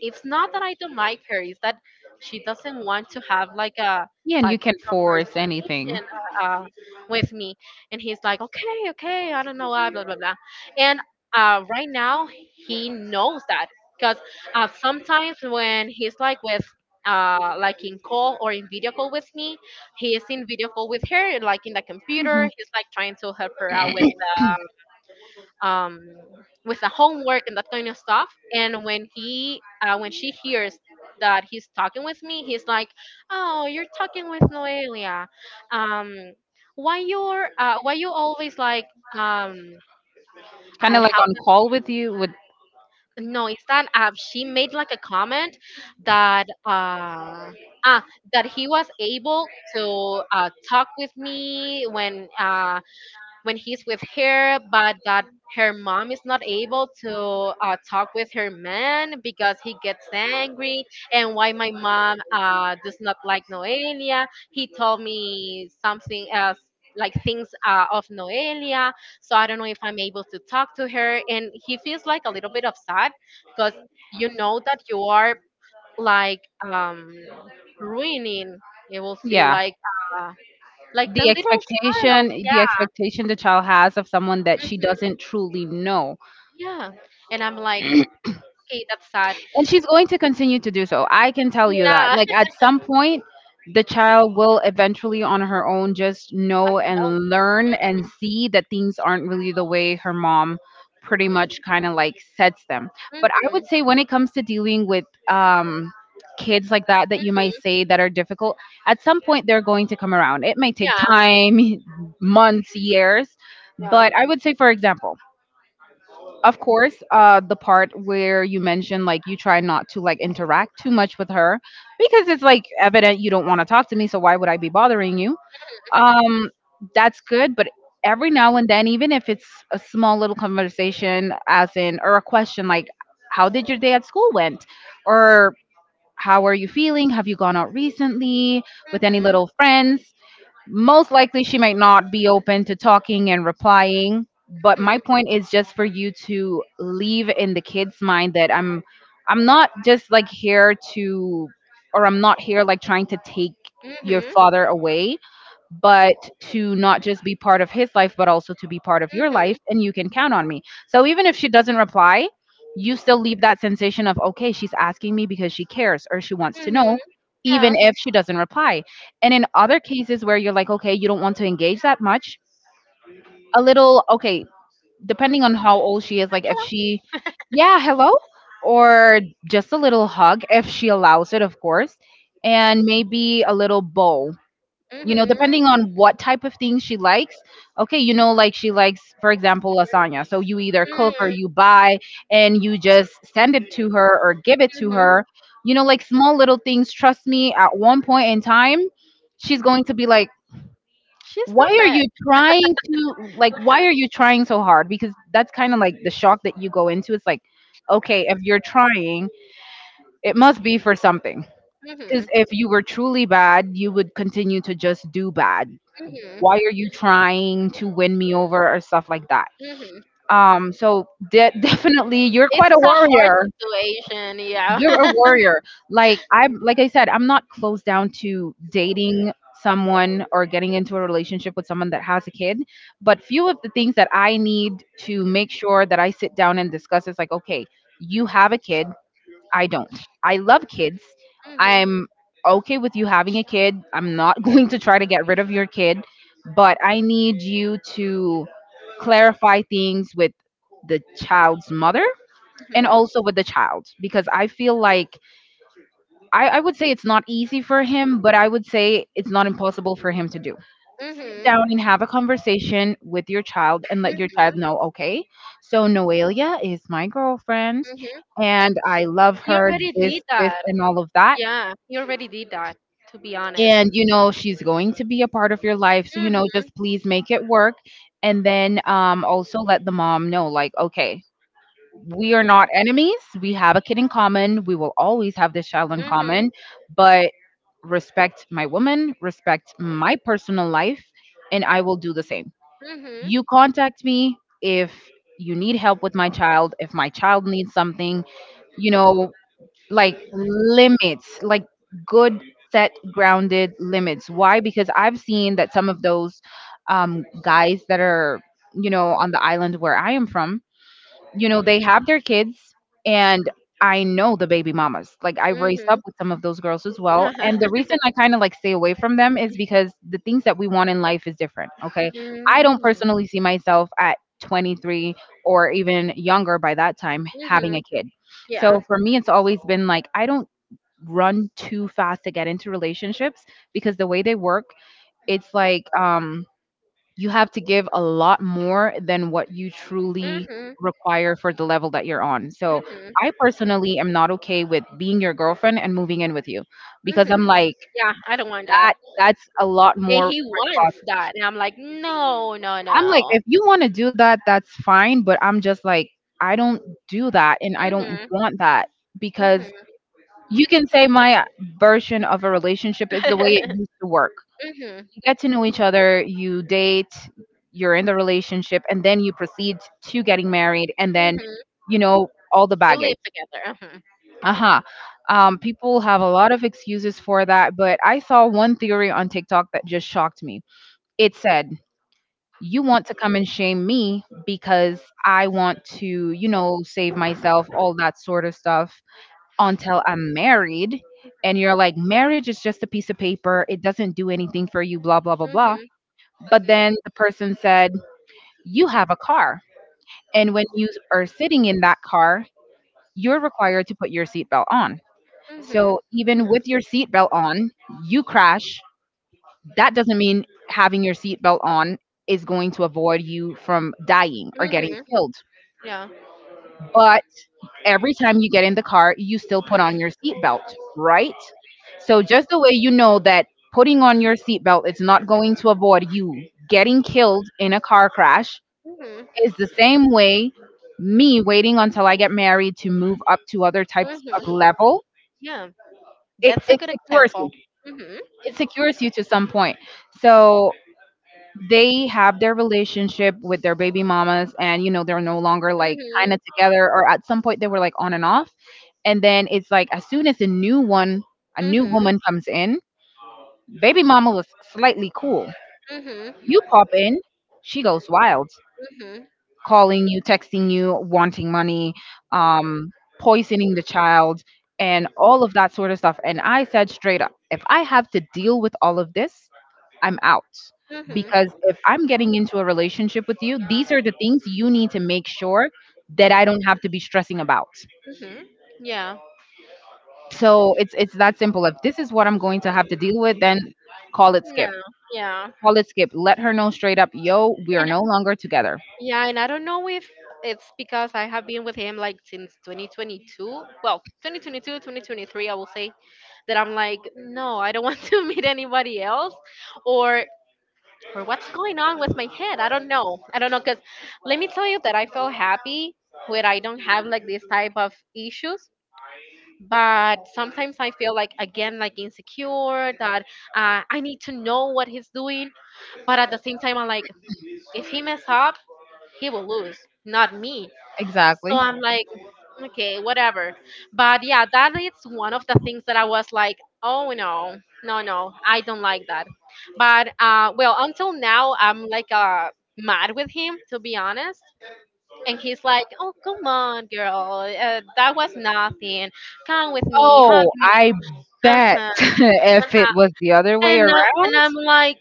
it's not that I don't like her, it's that she doesn't want to have like a Yeah, and type you of can force anything. conversation uh, uh, with me. And he's like, okay, okay, I don't know why, blah, blah, blah. And right now, he knows that because, sometimes when he's like with, like in call or in video call with me, he is in video call with her, like in the computer. Hmm. He's like trying to help her out with, um, with the homework and that kind of stuff. And when when she hears that he's talking with me, he's like, "Oh, you're talking with Noelia. Um, why you're, why you always like, um, Kind I of like how on call with you. With no, it's that she made like a comment that." Ah, that he was able to talk with me when he's with her, but that her mom is not able to talk with her man because he gets angry. And why my mom does not like Noelia. He told me something as like things of Noelia. So I don't know if I'm able to talk to her. And he feels like a little bit of sad because you know that you are like, um, ruining, you will see yeah. Uh, The the like the the little child. expectation, Yeah. expectation child has of someone that she doesn't truly know. Yeah. And I'm like, okay, that's sad. And she's going to continue to do so. I can tell you that. Yeah. Like at some point, the child will eventually on her own just Like, know no. and learn and see that things aren't really the way her mom pretty much kind of like sets them. Hmm. But I would say when it comes to dealing with kids like that that you might Hmm. say that are difficult, at some point they're going to come around. It may take Yeah. time, months, years, Yeah. but I would say, for example, of course the part where you mentioned like you try not to like interact too much with her, because it's like evident you don't want to talk to me, so why would I be bothering you. um that's good, but every now and then, even if it's a small little conversation as in, or a question like, how did your day at school went, or how are you feeling, have you gone out recently with any Hmm. little friends. Most likely she might not be open to talking and replying, but my Hmm. point is just for you to leave in the kids mind that I'm not just like here to, or I'm not here like trying to take your Hmm. father away, but to not just be part of his life, but also to be part of your Hmm. life. And you can count on me. So even if she doesn't reply, you still leave that sensation of, okay, she's asking me because she cares or she wants to Hmm. know, even Yeah. if she doesn't reply. And in other cases where you're like, okay, you don't want to engage that much, a little, okay, depending on how old she is, Like, like if hello. she, yeah, hello, or just a little hug if she allows it, of course, and maybe a little bow, Hmm. depending on what type of things she likes. Okay, like she likes, for example, lasagna, so you either cook or Hmm. you buy and you just send it to her or give it to Hmm. her, like small little things. Trust me, at one point in time she's going to be like, She's why not are you bad. trying to, like, why are you trying so hard? Because that's kind of like the shock that you go into. It's like, okay, if you're trying, it must be for something, because if Hmm. you were truly bad, you would continue to just do bad. Hmm. Why are you trying to win me over or stuff like that? Hmm. Definitely, you're It's quite a a hard warrior. situation. Yeah. You're a warrior. Like I said, I'm not closed down to dating someone or getting into a relationship with someone that has a kid, but few of the things that I need to make sure that I sit down and discuss is like, okay, you have a kid. I don't. I love kids. Mhm, I'm okay with you having a kid. I'm not going to try to get rid of your kid, but I need you to clarify things with the child's mother, and mhm, also with the child, because I feel like I would say it's not easy for him, but I would say it's not impossible for him to do. Sit mhm, down and have a conversation with your child and let your mhm, child know, okay, so Noelia is my girlfriend mhm. and I love You her, already this, did this, that. and all of that. Yeah, you already did that, to be honest. And, she's going to be a part of your life. So, just please make it work. And then also let the mom know, like, okay, we are not enemies. We have a kid in common. We will always have this child in Mhm. common. But respect my woman, respect my personal life, and I will do the same. Mhm. You contact me if you need help with my child, if my child needs something, you know, like limits, like good set grounded limits. Why? Because I've seen that some of those guys that are, on the island where I am from, they have their kids. And I know the baby mamas, like I raised up Mhm. with some of those girls as well, and the reason I kind of like stay away from them is because the things that we want in life is different. Okay, I don't Mm. personally see myself at 23 or even younger by that time having Mhm. a kid. Yeah. So for me it's always been like, I don't run too fast to get into relationships because the way they work, it's like, you have to give a lot more than what you truly Mhm. require for the level that you're on. So Mhm. I personally am not okay with being your girlfriend and moving in with you because I'm Mhm. like, Yeah, I don't want that. that's a lot And more he respons-. wants that, and I'm like, no, no, I'm like, no. if you want to do that, that's fine, but I'm just like, I don't do that and I don't Mhm. want that. Because Mhm. you can say my version of a relationship is the way it used to work. mhm. You get to know each other, you date, you're in the relationship, and then you proceed to getting married, and then, Mhm. All the You baggage. live together. Mhm. Uh huh. People have a lot of excuses for that, but I saw one theory on TikTok that just shocked me. It said, you want to come and shame me because I want to, save myself, all that sort of stuff until I'm married. And you're like, marriage is just a piece of paper. It doesn't do anything for you, blah, blah, blah, blah. Mhm. But then the person said, you have a car. And when you are sitting in that car, you're required to put your seatbelt on. Mhm. So even with your seatbelt on, you crash. That doesn't mean having your seatbelt on is going to avoid you from dying or getting Mhm. killed. Yeah. But every time you get in the car, you still put on your seatbelt, right? So just the way you know that putting on your seatbelt is not going to avoid you getting killed in a car crash, Mhm. it's the same way me waiting until I get married to move up to other types Mhm. of level. Yeah. It, That's a it good secures example. you. Mhm. It secures you to some point. So they have their relationship with their baby mamas, and you know they're no longer like Mhm. kind of together, or at some point they were like on and off. And then it's like as soon as a new one, a new Mhm. woman comes in, baby mama was slightly cool. Mhm. You pop in, she goes wild, Mhm. calling you, texting you, wanting money, um, poisoning the child, and all of that sort of stuff. And I said straight up, if I have to deal with all of this, I'm out. Because Mhm. if I'm getting into a relationship with you, these are the things you need to make sure that I don't have to be stressing about. Mhm. Yeah. So it's that simple. If this is what I'm going to have to deal with, then call it skip. No. Yeah. Call it skip. Let her know straight up, yo, we are And no longer together. yeah, and I don't know if it's because I have been with him like since 2022. Well, 2022, 2023, I will say, that I'm like, no, I don't want to meet anybody else, or or what's going on with my head? I don't know. I don't know, because let me tell you that I feel happy where I don't have like this type of issues. But sometimes I feel like again like insecure that, I need to know what he's doing. But at the same time, I'm like, if he mess up, he will lose, not me. So Exactly. I'm like, okay, whatever. But yeah, that is one of the things that I was like, oh no, no, no, I don't like that. But well, until now, I'm like, mad with him, to be honest. And he's like, oh, come on, girl. That was nothing. Come with me, hug Oh, me. I Uh bet huh. if it was the other way And around, I'm like,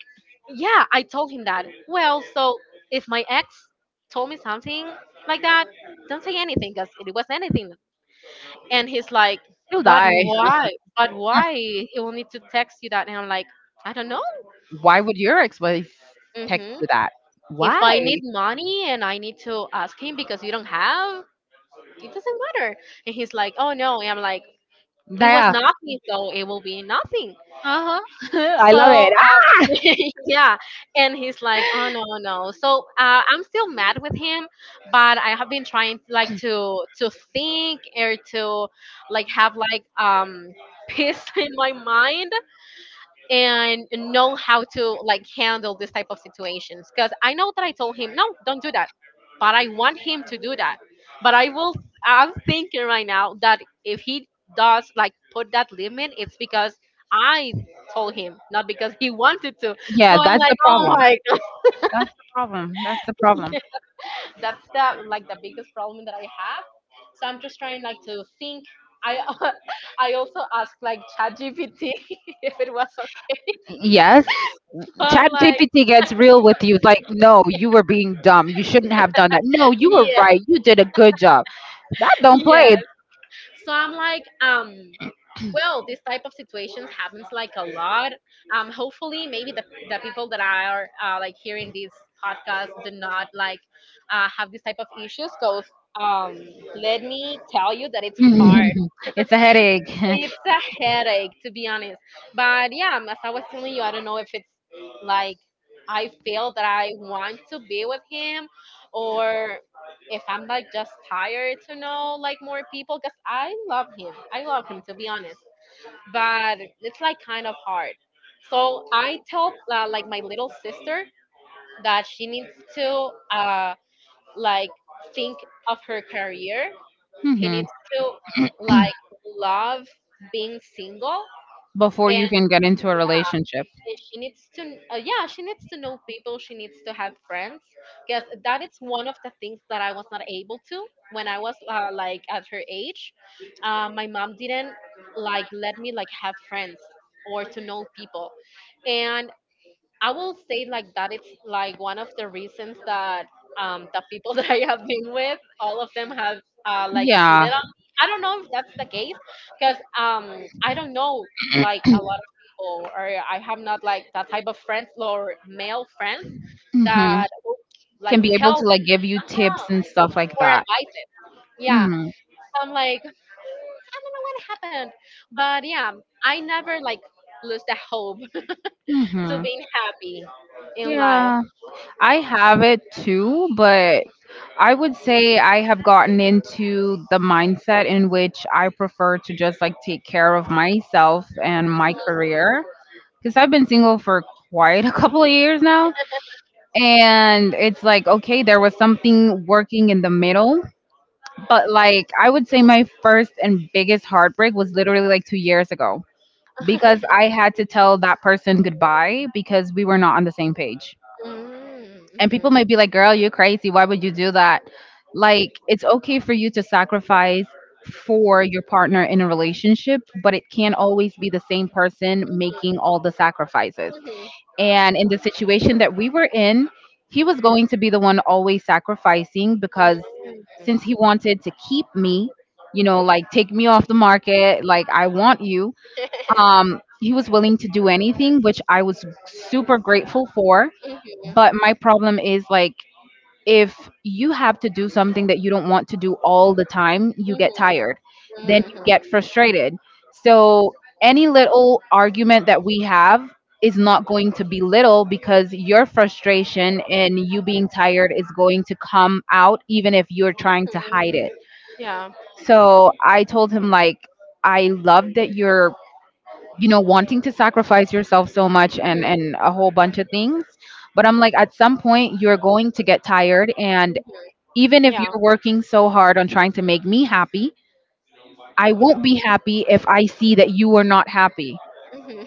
yeah, I told him that. Well, so if my ex told me something like that, don't say anything because it was anything. And he's like, you'll but die. why? But why? He will need to text you that. And I'm like, I don't know. Why would your ex-wife text Hmm. you that? If Why? I need money and I need to ask him because you don't have, it doesn't matter. And he's like, oh no. And I'm like, it was Yeah. nothing, so it will be nothing. Uh-huh. I So love it. Ah, yeah, and he's like, oh no no. So I'm still mad with him, but I have been trying, like, to think, or to like have like, peace in my mind, and know how to like handle this type of situations. Because I know that I told him no, don't do that, but I want him to do that. But I will, I'm thinking right now that if he does, like, put that limit, it's because I told him, not because he wanted to. yeah, So I'm that's like, the oh problem. my That's the problem. That's the problem. god, that's the, like, the biggest problem that I have. So I'm just trying, like, to think. I I also asked like ChatGPT if it was okay. Yes. So I'm Chat like, GPT gets real with you. It's like, no, you were being dumb. You shouldn't have done that. No, you were yeah. right. You did a good job. That don't Yeah. play. So I'm like, well, this type of situations happens like a lot. Hopefully, maybe the people that are, like hearing this podcast do not like, have this type of issues. Cause, um, let me tell you that it's hard. It's a headache. It's a headache, to be honest. But yeah, as I was telling you, I don't know if it's like I feel that I want to be with him, or if I'm like just tired to know like more people, because I love him. I love him, to be honest. But it's like kind of hard. So I tell, like my little sister that she needs to like think of her career. He needs to like love being single. Before you and can get into a relationship. and she needs to, yeah, she needs to know people, she needs to have friends. Because that is one of the things that I was not able to when I was, like at her age, my mom didn't like let me like have friends or to know people. And I will say like that it's like one of the reasons that, the people that I have been with, all of them have like Yeah. cheated on me. I don't know if that's the case because, I don't know like a lot of people, or I have not like that type of friends or male friends Mhm. that will, Can like be able tell me to like give you tips and stuff like or that. advise it. Yeah. Mhm. So I'm like I don't know what happened. But yeah, I never like lose the hope to Mhm. being happy in life. Yeah. I have it too, but I would say I have gotten into the mindset in which I prefer to just like take care of myself and my career because I've been single for quite a couple of years now. And it's like, okay, there was something working in the middle, but like I would say my first and biggest heartbreak was literally like 2 years ago because I had to tell that person goodbye because we were not on the same page. Mm, And mhm, people might be like, girl, you're crazy, why would you do that? Like, it's okay for you to sacrifice for your partner in a relationship, but it can't always be the same person making all the sacrifices. mhm, And in the situation that we were in, he was going to be the one always sacrificing because since he mm. wanted to keep me, like take me off the market, like I want you, he was willing to do anything, which I was super grateful for. But Mhm, my problem is like, if you have to do something that you don't want to do all the time, mhm, you get tired. mhm, Then you get frustrated. So any little argument that we have is not going to be little because your frustration and you being tired is going to come out even if you're trying to mhm. hide it. Yeah. So I told him like, I love that you're, wanting to sacrifice yourself so much and Mm, and a whole bunch of things, but I'm like, at some point you're going to get tired. And mhm. even if Yeah. you're working so hard on trying to make me happy, I won't be happy if I see that you are not happy. Mhm.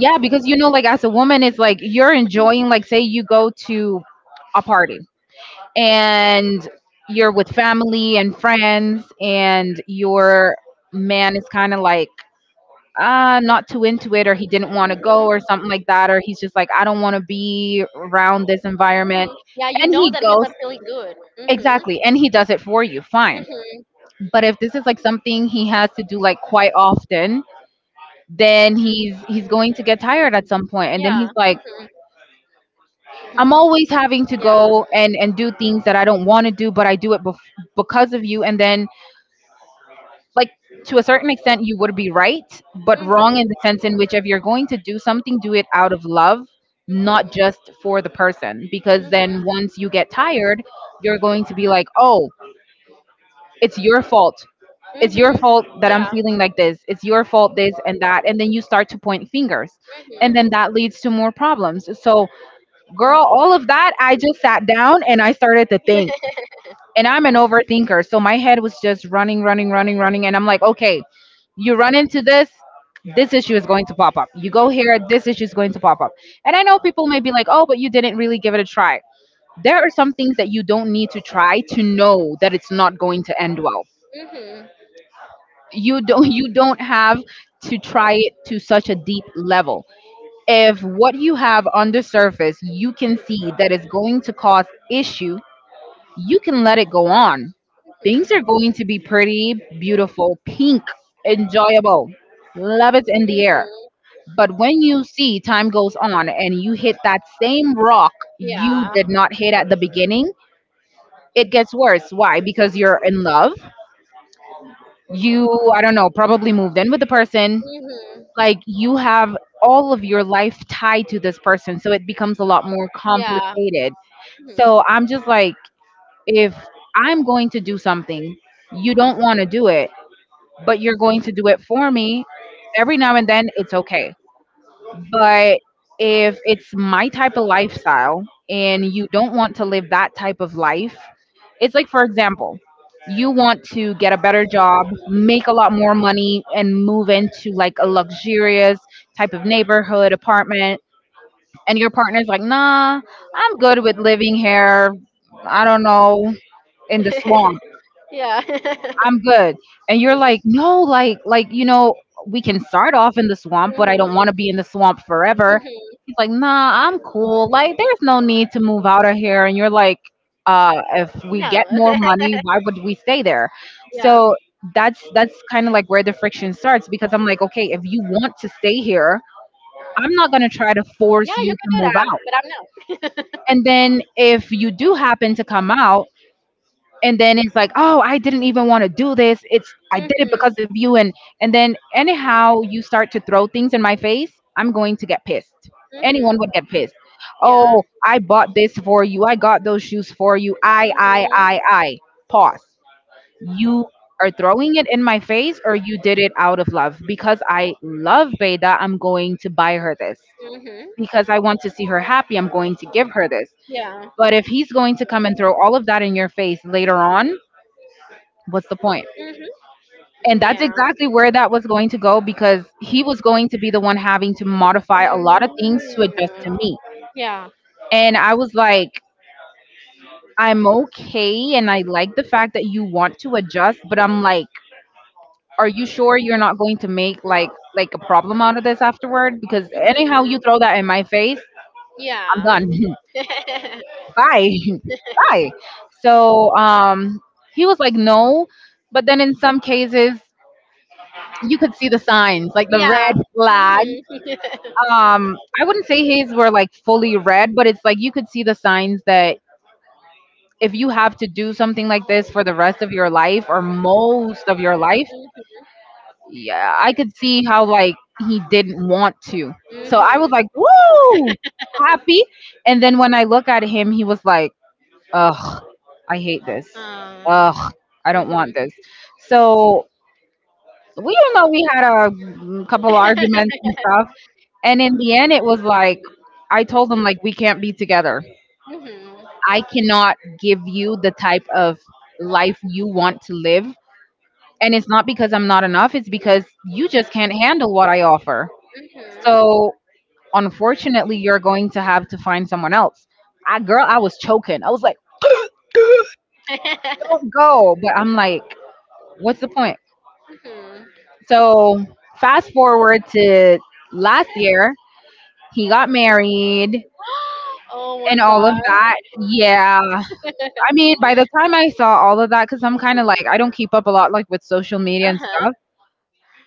Yeah, because, like as a woman, it's like you're enjoying, like, say you go to a party and you're with family and friends, and your man is kind of like, ah, not too into it, or he didn't want to go, Mhm, or something like that, or he's just like, I don't want to be around this environment. mhm. Yeah, you And know he that he's goes, not feeling good. Mhm. exactly, and he does it for you, fine. Mhm. But if this is like something he has to do like quite often, then he's going to get tired at some point, and then he's Yeah. like, Mhm. I'm always having to Yeah. go and do things that I don't want to do, but I do it because of you. And then, like, to a certain extent you would be right, but wrong in Mhm. the sense in which if you're going to do something, do it out of love, not Mhm. just for the person, because Mhm. then once you get tired, you're going to be like, oh, it's your fault. It's your Mhm. fault that I'm Yeah. feeling like this. It's your fault this and that, and then you start to point fingers. And then that leads to more problems. So, girl, all of that, I just sat down and I started to think. And I'm an overthinker, so my head was just running, running, running, running, and I'm like, "Okay, you run into this, this issue is going to pop up. You go here, this issue is going to pop up." And I know people may be like, "Oh, but you didn't really give it a try." There are some things that you don't need to try to know that it's not going to end well. Mhm. Mhm. You don't you don't have to try it to such a deep level. If what you have on the surface you can see that is going to cause issue, you can let it go on. Things Mm. are going to be pretty, beautiful, pink, enjoyable, love is in the air. Mhm. But when you see time goes on and you hit that same rock you Yeah. did not hit at the beginning, it gets worse. Why? Because you're in love, you, I don't know, probably moved in with the person, Mhm. like, you have all of your life tied to this person, so it becomes a lot more Yeah. complicated. Mhm. So I'm just like, if I'm going to do something, you don't want to do it, but you're going to do it for me every now and then, it's okay. But if it's my type of lifestyle and you don't want to live that type of life, it's like, for example, you want to get a better job, make a lot more money, and move into like a luxurious type of neighborhood, apartment. And your partner's like, nah, I'm good with living here. I don't know, in the swamp. Yeah. I'm good. And you're like, no, like, you know, we can start off in the swamp, but I Mhm. don't want to be in the swamp forever. Mhm. He's like, nah, I'm cool. Like, there's no need to move out of here. And you're like, if we No. get more money, why would we stay there? Yeah. So that's kind of like where the friction starts, because I'm like, okay, if you want to stay here, I'm not gonna try to force Yeah, you you to can do move that, out. but I'm not. And then if you do happen to come out, and then it's like, oh, I didn't even want to do this, it's, I did it because Mhm. of you. And then anyhow you start to throw things in my face, I'm going to get pissed. Mhm. Anyone would get pissed. Yeah. Oh, I bought this for you, I got those shoes for you, i i i Mhm. i pause. You are throwing it in my face, or you did it out of love because I love, beta, I'm going to buy her this Mhm. because I want to see her happy, I'm going to give her this. Yeah. But if he's going to come and throw all of that in your face later on, what's the point? Mhm. And that's Yeah. exactly where that was going to go, because he was going to be the one having to modify a lot of things to adjust Mm. to me. Yeah. And I was like, I'm okay. And I like the fact that you want to adjust, but I'm like, are you sure you're not going to make like a problem out of this afterward? Because anyhow Mhm. you throw that in my face, I'm Yeah. done. Bye. Bye. So he was like, no. But then in some cases, you could see the signs, like the red yeah. flag. Mhm. I wouldn't say his were like fully red, but it's like you could see the signs that if you have to do something like this for the rest of your life or most of your life, yeah, I could see how, like, he didn't want to. So I was Mhm. like, "Woo, happy!" And then when I look at him, he was like, "Ugh, I hate this. um, Ugh, I don't want Mhm. this." So we, don't know, we had a couple arguments and stuff. And in the end, it was like, I told him, like, we can't be together. Mhm. I cannot give you the type of life you want to live. And it's not because I'm not enough, it's because you just can't handle what I offer. Mhm. So, unfortunately, you're going to have to find someone else. I, girl, I was choking. I was like, don't go. But I'm like, what's the point? Mhm. So, fast forward to last year, he got married Oh my and all of god. that. Yeah. I mean, by the time I saw all of that, because I'm kind of like, I don't keep up a lot like with social media Uh and huh. stuff.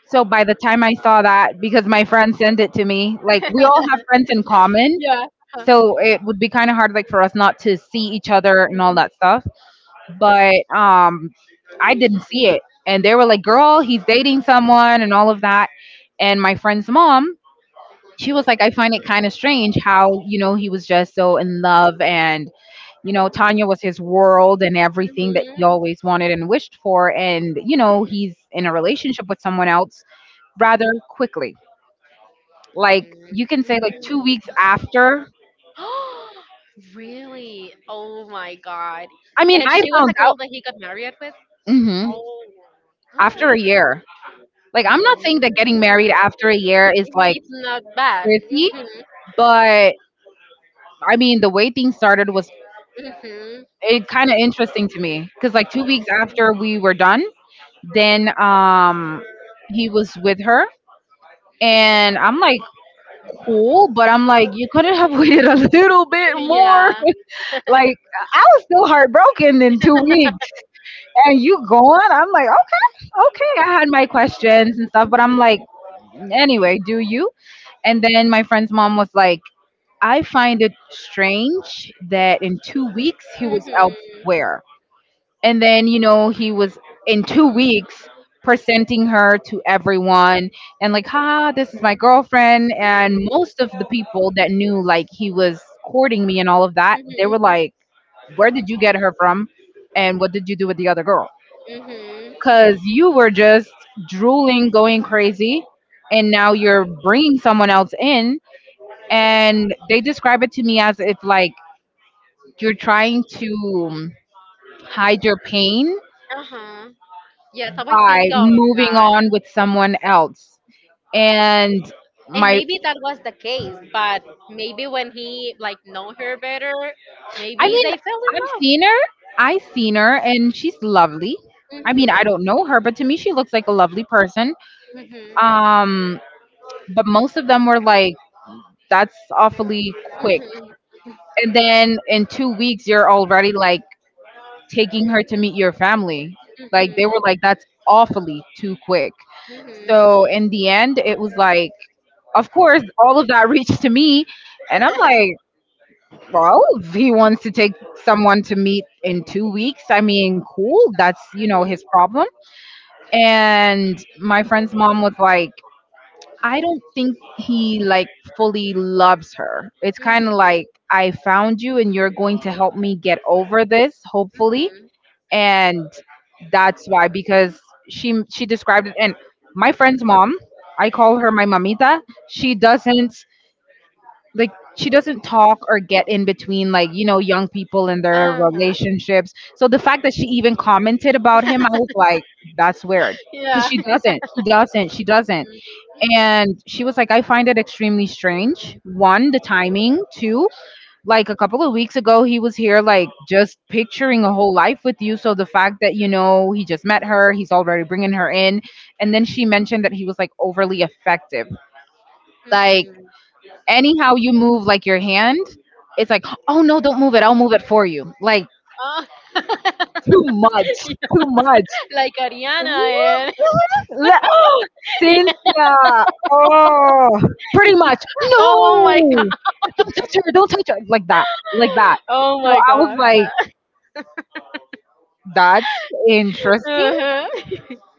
So by the time I saw that, because my friend sent it to me, like, we all have friends in common, Yeah. Uh-huh. so it would be kind of hard like for us not to see each other and all that stuff. But I didn't see it, and they were like, "Girl, he's dating someone," and all of that. And my friend's mom, she was like, "I find it kind of strange how, you know, he was just so in love and." You know, Tanya was his world and everything that he Mhm. always wanted and wished for, and, you know, he's in a relationship with someone else rather quickly, like, Like. you can say like 2 weeks after. Really? Oh my god. I mean, And I she was found the girl out, that he got married with? hmm, after a Absolutely. year. Like, Like. I'm not saying that getting married after a year is Mhm. like It's not bad. pretty, Hmm. but I mean, the way things started was, Hmm. it kind of interesting to me, because like 2 weeks after we were done, then he was with her. And I'm like, cool, but I'm like, you couldn't have waited a little bit more. Yeah. Like, I was still heartbroken in 2 weeks, and you gone. I'm like, okay, okay. I had my questions and stuff, but I'm like, Hmm. anyway, do you? And then my friend's mom was like, I find it strange that in 2 weeks he Hmm. was Hmm. elsewhere, and then, you know, he was in 2 weeks presenting her to everyone and like, ha, this is my girlfriend. And most of the people that knew, like, he was courting me and all of that, they were like, where did you get her from, and what did you do with the other girl, because you were just drooling, going crazy, and now you're bringing someone else in. And they describe it to me as if like you're trying to, um, hide your pain Uh-huh. Yes, I always think by of moving that. on with someone else. And And like my, maybe that was the case, but maybe when he like know her better, I maybe mean, they fell in I've love. seen her, I've seen her, and she's lovely. I mean, Mhm. I don't know her, but to me, she looks like a lovely person. Um, but most of them were like, that's awfully quick. Mhm. And then in 2 weeks, you're already like taking her to meet your family. Like, they were Mhm. like, that's awfully too quick. Mhm. So in the end, it was like, of course, all of that reached to me. And I'm like, well, if he wants to take someone to meet in 2 weeks, I mean, cool. That's, you know, his Mhm. problem. And my friend's mom was like, I don't think he like fully loves her. It's kind of Mhm. like, I found you and you're going to help me get over this, hopefully. Mhm. And that's why, because she described it. And my friend's mom, I call her my mamita. She doesn't, like, she doesn't talk or get in between like, you know, young people and their Uh-huh. relationships. So the fact that she even commented about him, I was like, that's weird, because Yeah. she doesn't she doesn't. And she was like, I find it extremely strange, one, the timing, two, like, a couple of weeks ago he was here like just picturing a whole life with you, so the fact that, you know, he just met her, he's already bringing her in. And then she mentioned that he was like overly effective. Like, Mhm. anyhow you move like your hand, it's like, oh, no, don't move it. I'll move it for you. Like, Oh. too much, too much. Like Ariana and Le- yeah. Cynthia, oh, pretty much. Oh my god. No, don't touch her. Don't touch her. Like that, like that. Oh So my I was god. like, that's interesting. Uh-huh.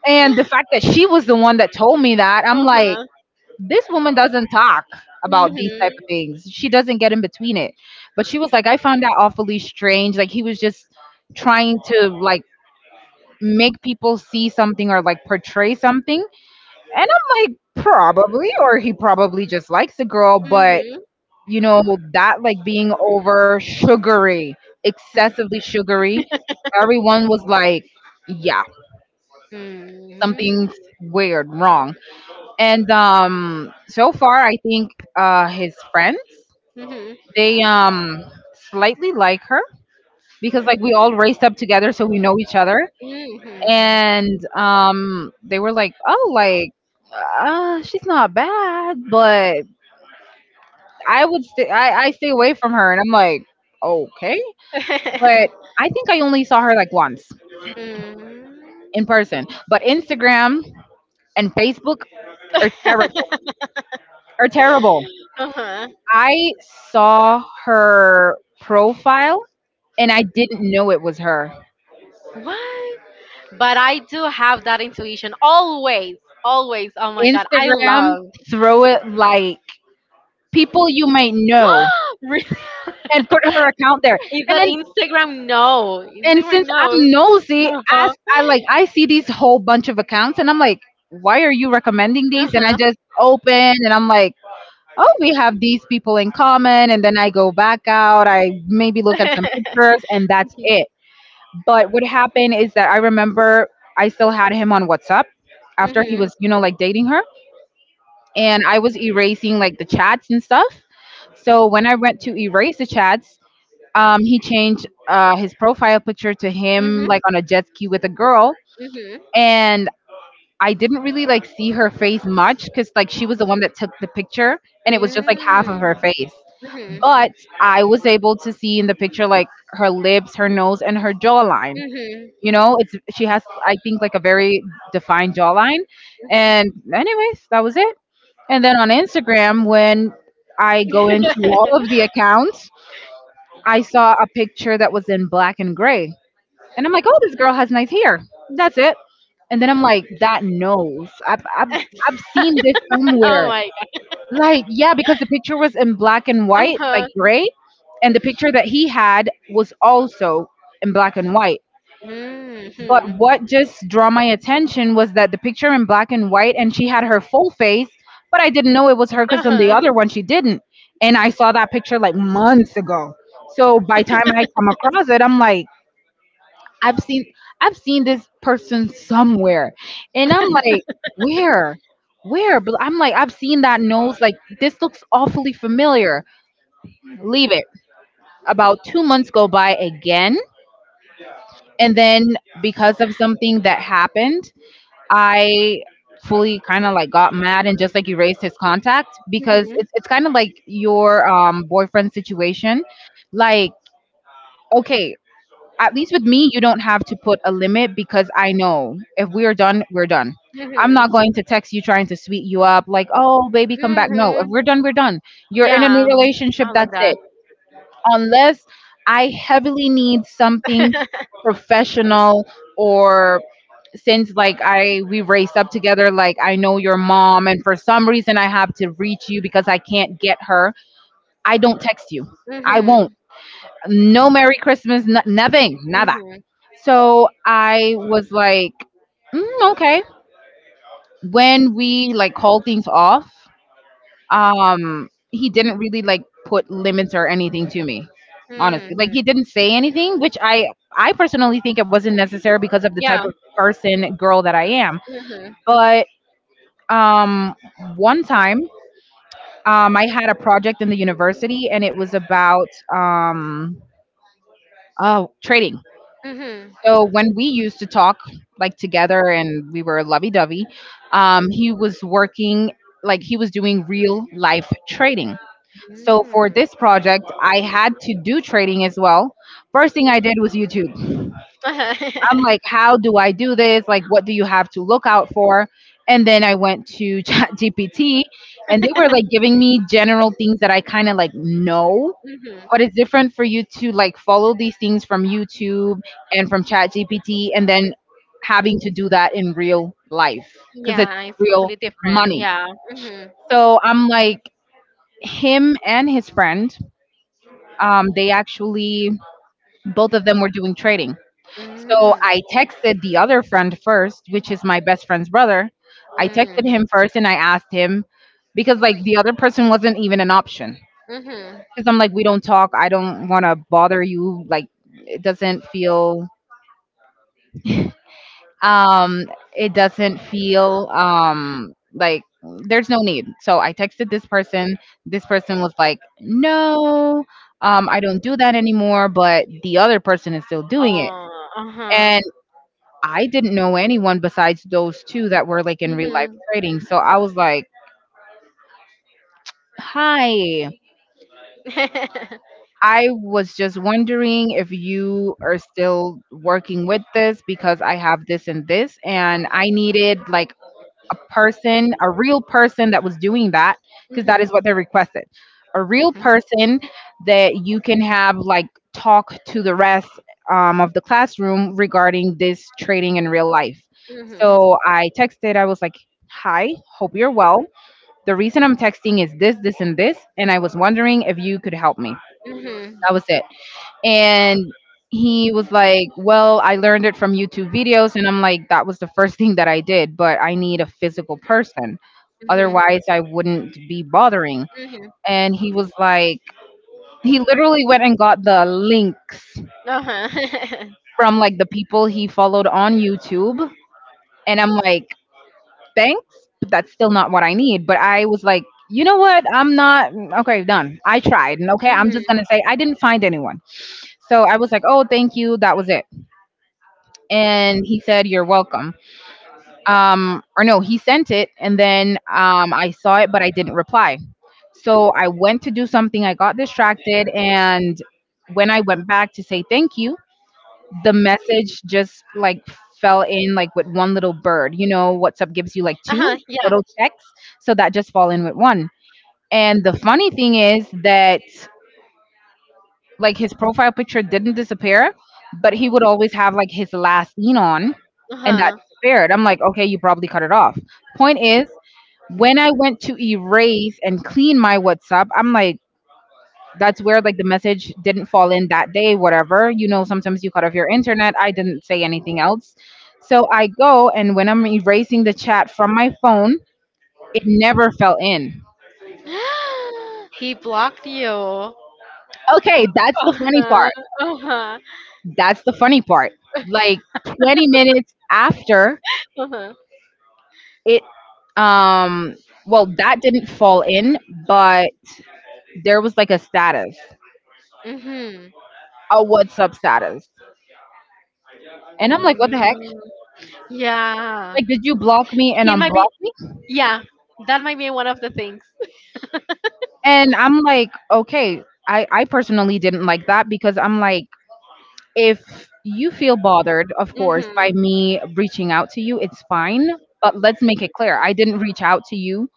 And the fact that she was the one that told me that, I'm like, Uh-huh. this woman doesn't talk about these type of Mhm. things. She doesn't get in between it. But she was like, I found that awfully strange. Like, he was just trying to like make people see something or like portray something. And I'm like, probably, or he probably just likes the girl, but, Mhm. you know, that, like, being over sugary, excessively sugary, everyone was like, yeah, something's Mhm. weird, wrong. And so far I think his friends Mhm. Mhm. they slightly like her because like we all raced up together, so we know each other. Mhm. And they were like, "Oh, like, she's not bad, but I would stay. I stay away from her." And I'm like, "Okay," but I think I only saw her like once Mhm. in person. But Instagram and Facebook are terrible. Are terrible. uh-huh. I saw her profile and I didn't know it was her. What? But I do have that intuition always, always. Oh my god, I Instagram, love. throw it like people you might know Really? and put her account there. Is that And Instagram? No, and Instagram since I'm knows. nosy, Uh as huh. I see these whole bunch of accounts and I'm like, why are you recommending Uh these? And I huh. just open and I'm like, oh, we have these people in common, and then I go back out, I maybe look at some pictures, and that's it. But what happened is that I remember I still had him on WhatsApp after he mhm. was, like, dating her, and I was erasing like the chats and stuff. So when I went to erase the chats, he changed his profile picture to him Mhm. like on a jet ski with a girl, Mhm. and I didn't really like see her face much because like she was the one that took the picture, and it was just like half of her Mm. face. Mhm. But I was able to see in the picture like her lips, her nose, and her jawline. Mhm. You know, it's she has I think like a very defined jawline. Mhm. And anyways, that was it. And then on Instagram, when I go into all of the accounts, I saw a picture that was in black and gray. And I'm like, oh, this girl has nice hair. That's it. And then I'm like, that nose. I've seen this Oh somewhere. my Like, yeah, because the picture was in black and god. Uh white, like huh. gray. And the picture that he had was also in black and white. Mhm. But what just draw my attention was that the picture in black and white and she had her full face, but I didn't know it was her Uh because on the huh. other one she didn't. And I saw that picture like months ago. So by time I come across it, I'm like, I've seen I've seen this person somewhere. And I'm like, where? Where? But I'm like, I've seen that nose. Like, this looks awfully familiar. Leave it. About 2 months go by again. And then because of something that happened, I fully kind of like got mad and just like erased his contact because Mhm. it's kind of like your boyfriend situation. Like, okay, at least with me, you don't have to put a limit because I know if we are done, we're done. I'm Mhm. not going to text you trying to sweet you up like, oh baby, come back. No, if Mhm. we're done, we're done. You're in a Yeah, new relationship. I like That's that. it, unless I heavily need something professional, or since like I we raised up together, like I know your mom, and for some reason I have to reach you because I can't get her. I don't text you. I won't. mhm. No Merry Christmas. Nothing. Nada. Mhm. So I was like, mm, okay. When we like call things off, he didn't really like put limits or anything to me, honestly. Mhm. Like, he didn't say anything, which I personally think it wasn't necessary because of the type Yeah. of person girl that I am. Mhm. But um, one time, I had a project in the university, and it was about um, oh, trading. Mhm. So when we used to talk like together, and we were lovey-dovey, he was working like he was doing real life trading. So for Mm. this project, I had to do trading as well. First thing I did was YouTube. I'm like, how do I do this? Like, what do you have to look out for? And then I went to ChatGPT, and they were like giving me general things that I kind of like know, Mhm. but it's different for you to like follow these things from YouTube and from ChatGPT, and then having to do that in real life because it's Yeah, it's real completely different. money. Yeah. Mhm. So I'm like, him and his friend, they actually both of them were doing trading. So Mm. I texted the other friend first, which is my best friend's brother. I texted Mhm. him first and I asked him because like the other person wasn't even an option. Mhm. Because I'm like, we don't talk. I don't want to bother you. Like, it doesn't feel. Um, it doesn't feel. Like, there's no need. So I texted this person. This person was like, no. I don't do that anymore, but the other person is still doing it. Oh. Uh huh. And I didn't know anyone besides those 2 that were, like, in real life Mhm. trading, so I was like, "Hi, I was just wondering if you are still working with this because I have this and this, and I needed, like, a person, a real person that was doing that, because that is Mhm. what they requested. A real person that you can have like talk to the rest of the classroom regarding this trading in real life. Mhm. So I texted, I was like, Hi, hope you're well. The reason I'm texting is this, this, and this, and I was wondering if you could help me. Mhm. That was it, and he was like, well, I learned it from YouTube videos, and I'm like, that was the first thing that I did, but I need a physical person, Mhm. otherwise I wouldn't be bothering. Mm-hmm. And he was like, he literally went and got the links Uh-huh. from like the people he followed on YouTube, and I'm like, thanks, but that's still not what I need. But I was like, you know what, I'm not okay, done, I tried, and okay, I'm just mm-hmm. gonna say I didn't find anyone. So I was like, oh, thank you, that was it, and he said, you're welcome. Or no, he sent it, and then I saw it but I didn't reply. So I went to do something, I got distracted, and when I went back to say thank you, the message just like fell in like with one little bird, you know, WhatsApp gives you like two Uh-huh. Yeah. little texts, so that just fall in with one. And the funny thing is that like his profile picture didn't disappear, but he would always have like his last seen on, and that Uh-huh. disappeared. I'm like, okay, you probably cut it off. Point is, when I went to erase and clean my WhatsApp, I'm like, that's where like the message didn't fall in that day, whatever. You know, sometimes you cut off your internet. I didn't say anything else. So I go and when I'm erasing the chat from my phone, it never fell in. He blocked you. Uh-huh. Okay, that's the funny part. Uh-huh. That's the funny part. Like 20 minutes after Uh-huh. It um well, that didn't fall in, but there was like a status, Mm-hmm. a what's up status. And I'm like, what Mm. the heck? Yeah. Like, did you block me and He might be. unblock me? Yeah, that might be one of the things. And I'm like, okay, I personally didn't like that because I'm like, if you feel bothered, of course, by Mm-hmm. me reaching out to you, it's fine. But let's make it clear, I didn't reach out to you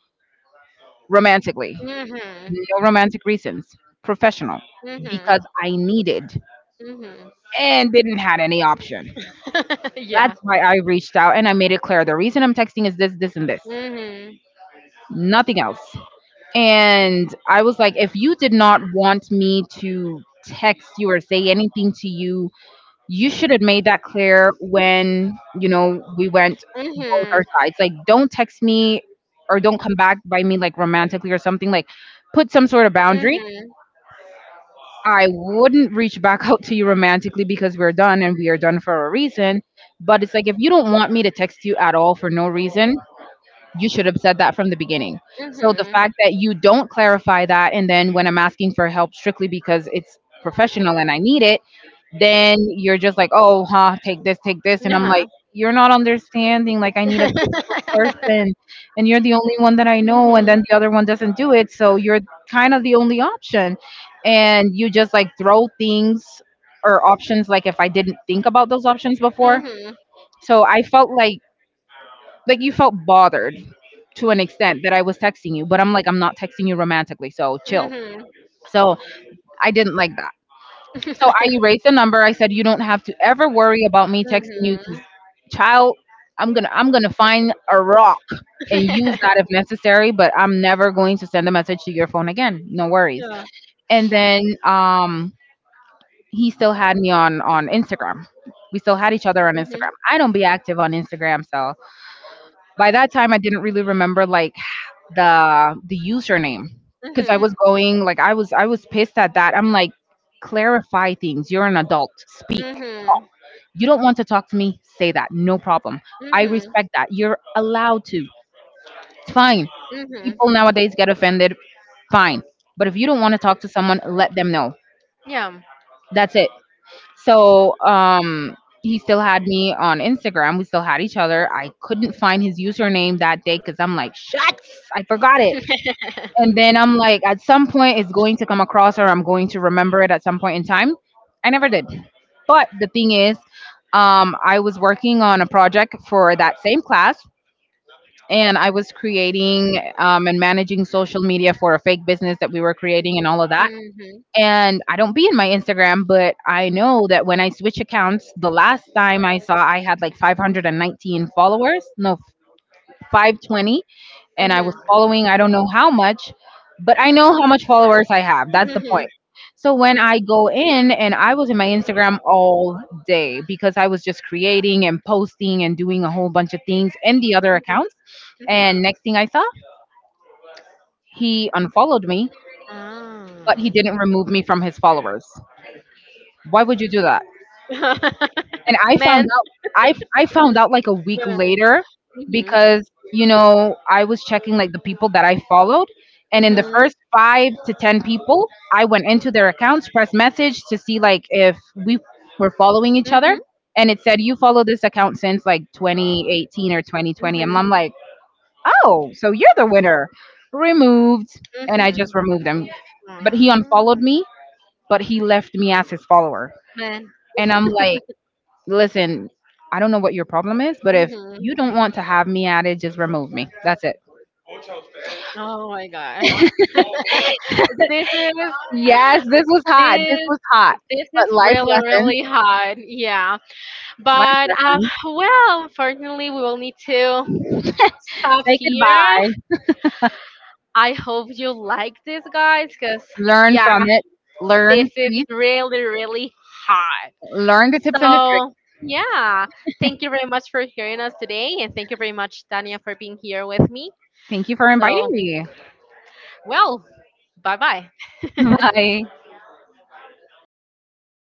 romantically, Mm-hmm. no romantic reasons, professional, Mm-hmm. because I needed Mm-hmm. and didn't had any option. yeah. That's why I reached out, and I made it clear the reason I'm texting is this, this, and this, Mm-hmm. nothing else. And I was like, if you did not want me to text you or say anything to you, you should have made that clear when, you know, we went both our Mm-hmm. sides. Like, don't text me or don't come back by me like romantically or something. Like, put some sort of boundary. Mm-hmm. I wouldn't reach back out to you romantically because we're done and we are done for a reason. But it's like, if you don't want me to text you at all for no reason, you should have said that from the beginning. So the Mm-hmm. fact that you don't clarify that, and then when I'm asking for help strictly because it's professional and I need it, then you're just like, oh, huh, take this, take this. And I'm Uh-huh. like, you're not understanding. Like, I need a person, and you're the only one that I know. And Mm-hmm. then the other one doesn't do it. So you're kind of the only option. And you just like throw things or options like if I didn't think about those options before. Mm-hmm. So I felt like you felt bothered to an extent that I was texting you, but I'm like, I'm not texting you romantically, so chill. Mm-hmm. So I didn't like that. So I erased the number. I said, you don't have to ever worry about me texting you, because Mhm. child, I'm gonna find a rock and use that if necessary, but I'm never going to send a message to your phone again. No worries. Yeah. And then he still had me on Instagram. We still had each other on Mhm. Instagram. I don't be active on Instagram, so by that time, I didn't really remember like the username because I was Mhm. going like I was pissed at that. I'm like, clarify things. You're an adult. Speak. Mhm. You don't want to talk to me. Say that. No problem. I Mhm. respect that. You're allowed to. It's fine. Mhm. People nowadays get offended. Fine. But if you don't want to talk to someone, let them know. Yeah. That's it. So he still had me on Instagram. We still had each other. I couldn't find his username that day because I'm like, shucks, I forgot it. And then I'm like, at some point, it's going to come across, or I'm going to remember it at some point in time. I never did. But the thing is, I was working on a project for that same class, and I was creating and managing social media for a fake business that we were creating and all of that. Mhm. And I don't be in my Instagram, but I know that when I switch accounts, the last time I saw, I had like 519 followers, no, 520, and I was Mhm. following I don't know how much, but I know how much followers I have. That's the Mhm. point. So when I go in and I was in my Instagram all day because I was just creating and posting and doing a whole bunch of things in the other Mhm. accounts. Mhm. And next thing I saw, he unfollowed me, Ah. but he didn't remove me from his followers. Why would you do that? And I found Man. out, I found out like a week Yeah. later Mhm. because, you know, I was checking like the people that I followed, and in the Mhm. first 5 to 10 people I went into their accounts, pressed message to see like if we were following each other, Mhm. and it said you follow this account since like 2018 or 2020, and Mhm. I'm like, oh, so you're the winner, removed. And I Mhm. just removed him, but he Mm. unfollowed me, but he left me as his follower. Man. And I'm like, listen, I don't know what your problem is, but if you Mhm. don't want to have me at it, just remove me. That's it. Oh my gosh. This is, Yes, this was hot. This this was hot. this is But life really, lessons, really hard. Yeah. life But lessons. well, unfortunately, we will need to stop Say here. goodbye. I hope you like this, guys, because Learn yeah, from it. this Learn, is please. really, really hot. Learn the tips and the tricks. So yeah, thank you very much for hearing us today, and thank you very much, Tania, for being here with me. Thank you for inviting So, me. well, bye bye. Bye.